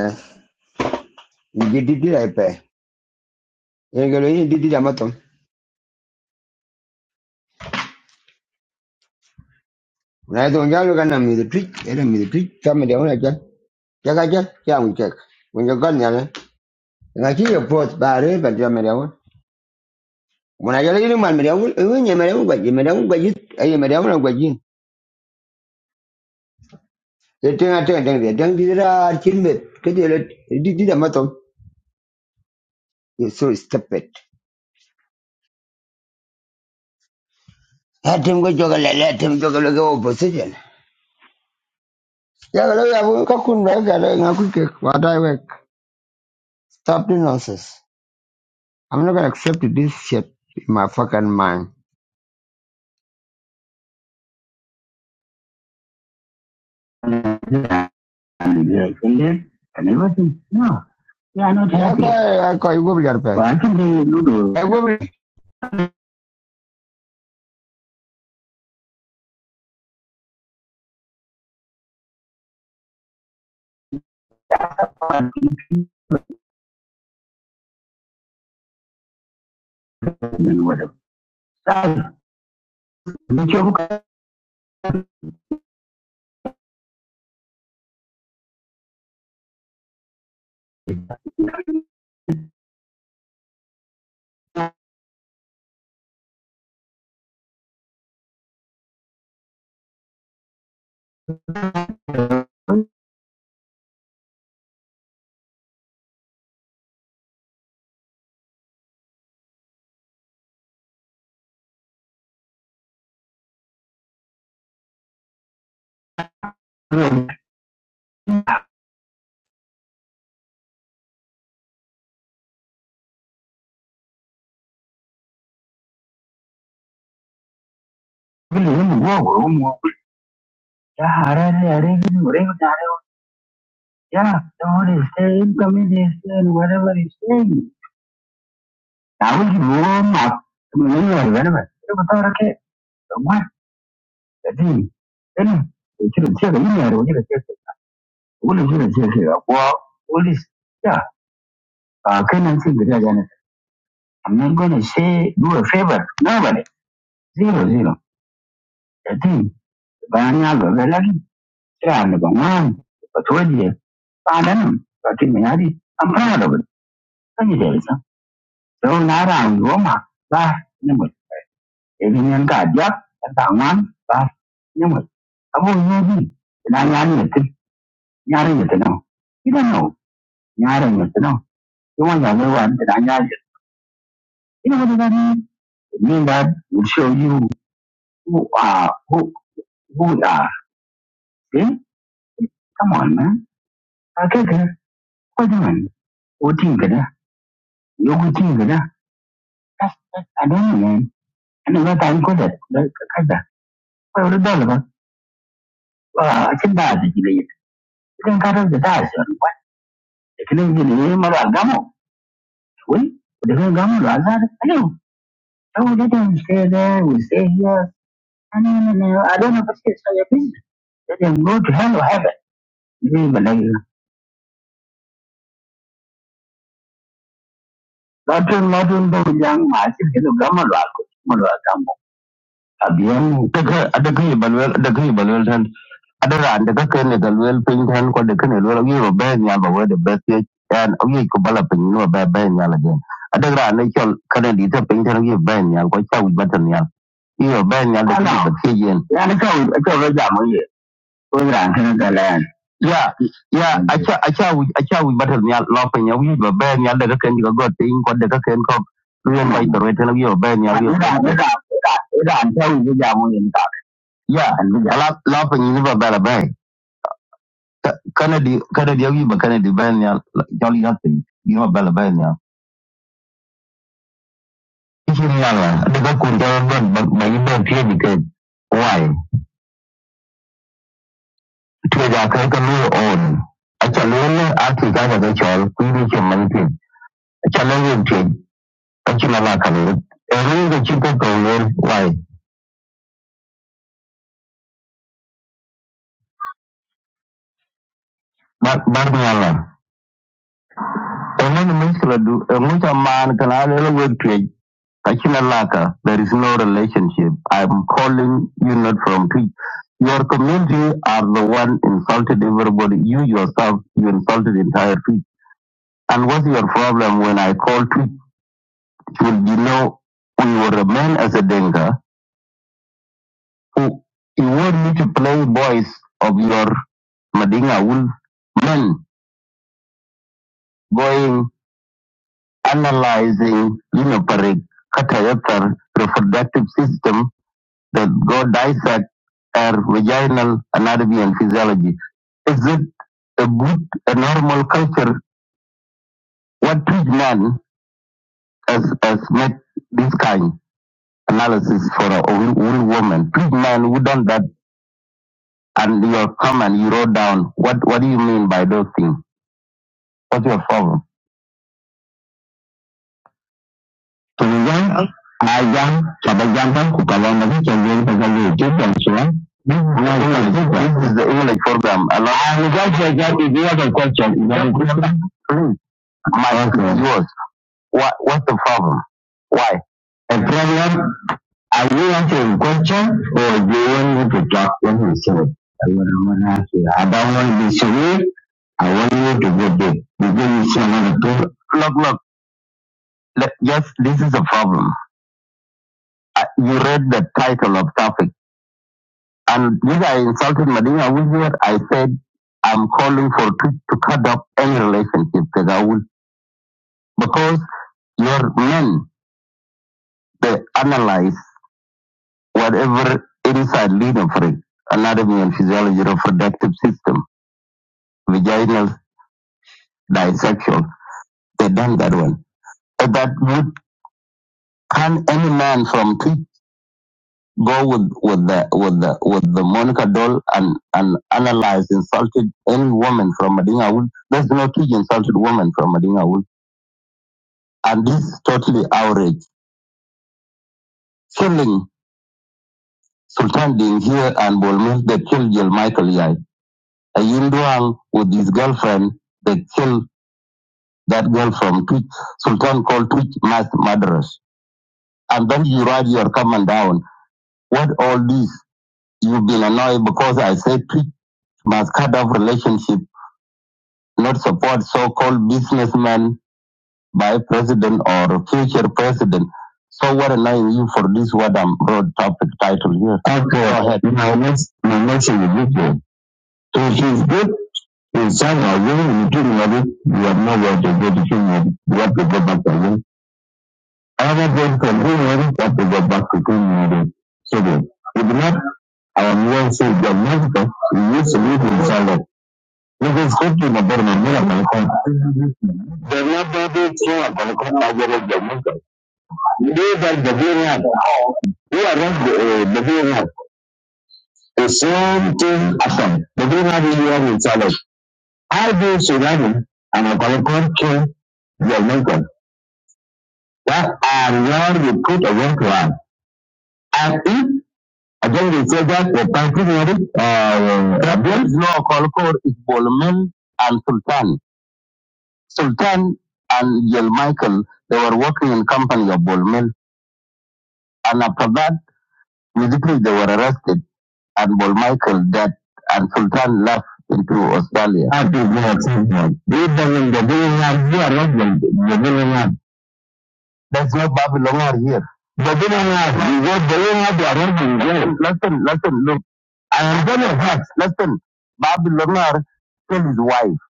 Njiditi la ipe. Yengelo hii njiditi la matom. Unaito ngalo kana midu twik. Ele midu twik. Kama dia una cha. Chaka cha. Kia mchaka. Mwenye kani ala. Nga chiyo pot. Bare. Patia media wana. Mwana jala hili mwan media wana. Uwe nye media wana kwa jini. Media wana kwa jini. Aye media wana kwa jini. Tenga tenga tenga tenga. Tenga titi la chilme. Kati ele. Njiditi la matom. You're so stupid. Atem kwa joka lele. Atem joka lele opposition. Jaka lele ya kakun. Nga kuke. Wadai wek. Stop the nonsense. I'm not gonna accept this shit in my fucking mind. and offended and everything. No, they are not Yeah, happy. I I will your Why can't they do I the will whatever? Yeah, Yeah, the whole is saying, come is saying, whatever is saying. I will give you all my, whatever, whatever. What? Then, then, you should check the email. What is going to take care of? Well, what is, yeah, uh, can I think that again? I'm not going to say, do a favor. Nobody. Zero, zero. The thing, Banyago, the lucky, and the man, but what you, pardon, but in me, I'm proud of it. Can you tell us? So now I'm Roma, but, number, even in God, yeah, that's our one, but, number, I won't know me. And I'm not it, you don't know, you don't know. You want to know what I know. you know what I mean? mean that will show you who are who who are. See? Come on, man. Okay, okay. What doing? What think it? You would think it? That's that I don't know, man. And what I'm good at. Like that. Well the dollar. Ah, it's bad you get. You can cut off the ties or what? The killing you can even name of Gamo. Well, the whole Gamo Lazar. Hello. So we let them stay there, we stay here. And then, uh, I don't know if it's so your business. Let them go to hell or heaven. You know, like, latin latin ba yang ma shi ke ga ma la ko ma la ta mo abiyan daga daga balwel daga balwel tan adara daga kai ne galwel pin tan ko daga ne lo yi ro ben ya ba wa da best ya an o yi ko bala pin no ba ben ya la den adara ne kyol kana di ta pin tan yi ben ya ko ta wi batan ya yi ro ben ya da ki ba ti yen ya ne ka wi ka ba ja mo ran kan ga ya ya acha acha acha wi batal nyal lo pe nya ba be nyal de ken ga god pe in de ken ko ruyen ba to reten wi ba nyal wi ran ba ta wi ga mu yin ta ya ala lo pe ni ba ba ba kana di kana di wi ba kana di ba nyal jol ya pe ni ba ba ba nyal shi ne ya la da kun ga ban ban yi ban fiye da kai wai to ga kai ka lu on a lu ne a ti ga ga chol ku ni ke man pin challenge trade kachina la kalu eru ga chiko ko wer wai bar bar ni ala enen miskla du mucha man kana le wer trade kachina la ka there is no relationship i'm calling you not from tweet your community are the one insulted everybody you yourself you insulted entire tweet and what's your problem when i call tweet should you know we will remain as a denga who you want me to play voice of your Madinga wool men going analyzing linoparic catayethal reproductive system that go dissect her vaginal anatomy and physiology. Is it a good, a normal culture? What treat man has, has made this kind analysis for a wool wool woman? Treat man who done that and your comment you wrote down. What, what do you mean by those things? what's your problem? Tulianza Azam Sabajamba Kukalonga Chagiri Pagari Chicken Swan. This is the English program. Allow- i will glad you the other question. Please. My answer is yours. What, what's the problem? Why? The problem, are you answering the question or do you want me to talk when you say it? I don't want to answer. I don't want to be silly. I want you to go deep. Because you say another thing. Look, look, let, yes, this is a problem. I- you read the title of traffic. And this I insulted Madina Awuzier. I said, I'm calling for to, to cut up any relationship with Awul because your men, they analyze whatever inside lead of re- anatomy and physiology reproductive system, vaginal, bisexual. They done that one. But that would can any man from Twitch go with with the with the with the Monica doll and and analyze insulted any woman from Madinga Wood. There's no two insulted woman from Madinga Wood, and this is totally outrage. Killing Sultan Ding here and Bolmel, they killed Jill Michael Yai. Ayinduang with his girlfriend, they killed that girl from Twitch. Sultan called Twitch mass murderers, and then you write your comment down. What all this? You've been annoyed because I said Twitch must cut off relationship not support so-called businessman by president or future president. So what am I you for this what I'm broad topic title here? Okay. Go ahead. My next my next individual. If It's good in somehow willing to do it, you have nowhere to go to Kenya. You have to go back to him. Other than continuing, you have to go back to Kenya. So then, if not, I am well saying that Mexico, we used to live in Salad. It is good to the government, Development is not going to come out of the market. These are the green We are not the, uh, the green The same thing happened. The green hat is what we challenge. do Sudan and a Colocon kill the Lincoln? That are where you put a one to one. And if, again, we say that the country, uh, uh, there is no Colocon, is Bolman and Sultan. Sultan and Yel Michael, they were working in company of Bolman. And after that, Musically, they were arrested, and Paul Michael dead, and Sultan left into Australia. That is their achievement. Even in the beginning of here, not the the beginning of. There's no Babylon here. The beginning of, you go beginning of the Arabian world. Listen, listen, look. I am telling you, listen, Babylon killed his wife,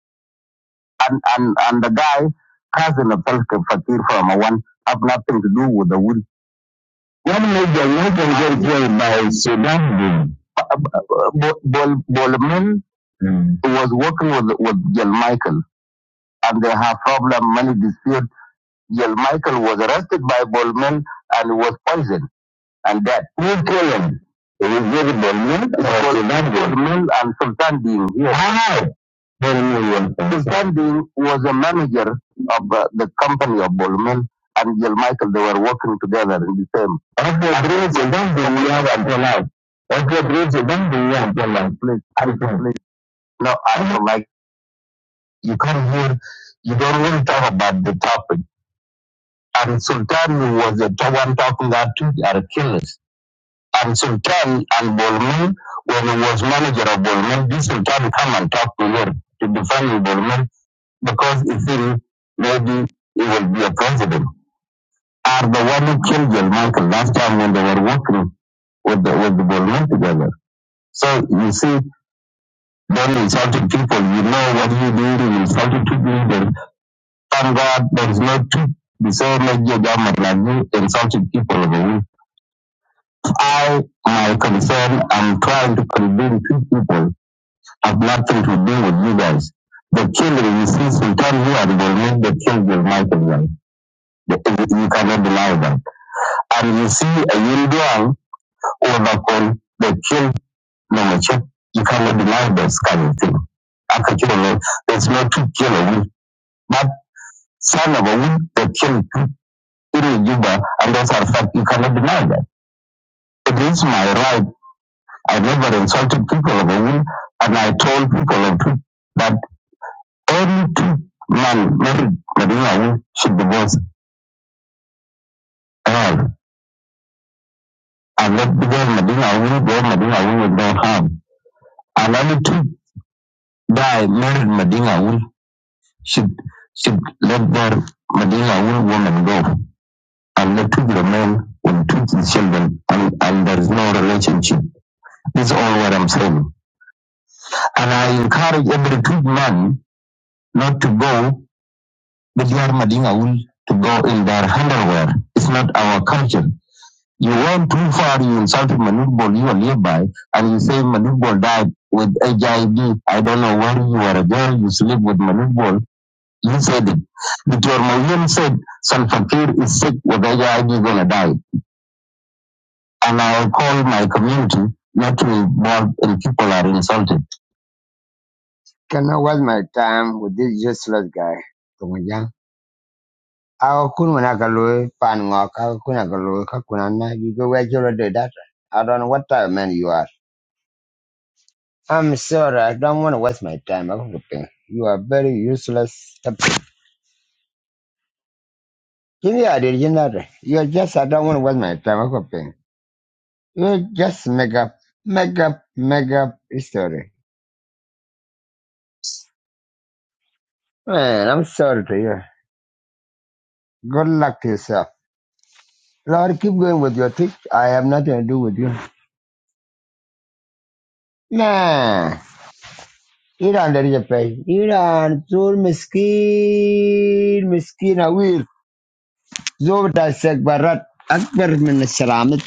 and, and, and the guy, cousin of Self Fakir from one, have nothing to do with the wood Gwamnan da Walker Gateway by Sudan Bin. Bol, Bol, Bolman was working with, with Jel Michael and they have problem, money dispute. Jel Michael was arrested by Bolman and was poisoned and dead. Who killed him? It was very Bolman Bolman and Sultan Bin. Yes. Hallelujah. His family was a manager of uh, the company of Bolman and Jill Michael. They were working together in the same. After dreams, you we have until now. After dreams, you we have until now. Please, I don't- No, I don't like, you come here, you don't want to talk about the topic. And Sultan was the one talking that two are killers. And Sultan and Bolman, when he was manager of Bolman, this Sultan come and talk to her to defend Bolman because he feel maybe he will be a president. Are the one who killed John Michael last time when they were working with the with the Bolman together. So you see, then insulted people, you know what you did, you insulted two leaders. Thank God there is no two the same as government like you insulted people of the world. I my concern I'm trying to convince two people have nothing to do with you guys. The killing you see Sultan here and Bolman, they killed John Michael you cannot deny them. And you see a Yinduang overcome the kill Namachi, you cannot deny this kind of thing. After killing, there's no two killer but some of a week, the kill in Juba, and those are fact, you cannot deny that. It is my right. I never insulted people of a week, and I told people of two that every two man married Medina woman, should divorce her. And let the girl Medina woman, go Medina Awun with no harm. Alama tu die married Madinga Wool should should let their Madinga Wool woman go and let two remain with two children and, and there is no relationship. This is all what I'm saying. And I encourage every two man not to go with their Madinga Wool to go in their underwear. It's not our culture. You went too far, you insulted Manubol, you are nearby, and you say Manubol died with HIV. I V. I don't know where you are a girl, you sleep with Manubol You said it. Dr. Mayem said Salva Kiir is sick with HIV, gonna die. And I'll call my community not to involve and people are insulted. Can I waste my time with this useless guy? Tongjang. Ako kun wana kaloy pan ngok ako kun kaloy kakuna na you go where you already that. I don't know what type of man you are. I'm sorry, I don't want to waste my time. I'm hoping. You are very useless. Give me a original. You're just I don't want to waste my time. I'm hoping. You just make up, make up, make up story. Man, I'm sorry to you. Good luck to yourself. Lord, keep going with your trick. I have nothing to do with you. Nah, you don't need to pay. You don't. Zul miskin, miskin awil. Zul tasek barat. أكبر من السلامت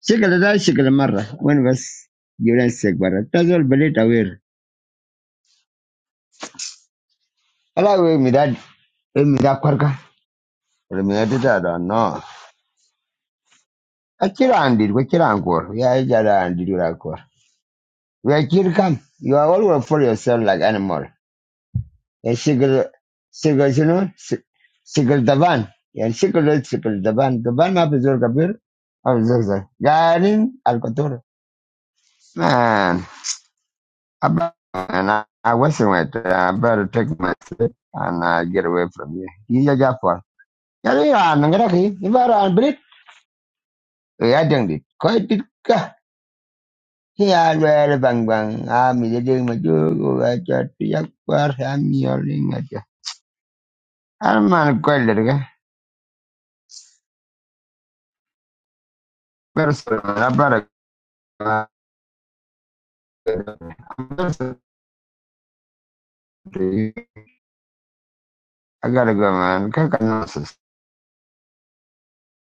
شكل ده شكل When was بس جولان سيك برا تزول بليت أوير ألا midad, مداد midad مداد كوركا midad ita da no. Akirandir, We kilangor. We are Jarandirangor. Where Kir come, you are always for yourself like animal. A single, single, you know, single daban. Yeah, single, single daban. Daban ma bezor kabir, abzor Garin alkator. Man, abba- and I, I wasn't with. uh, I better take my sleep and uh, get away from here. You are ya You are ya nangara We are doing it. Quite Koi Hiány vele bằng bằng a mi de de ma jo go ga cha ti yak par ha mi yo le nga cha. Al man ko ga. Pero so I gotta go, man. Kaka nonsense.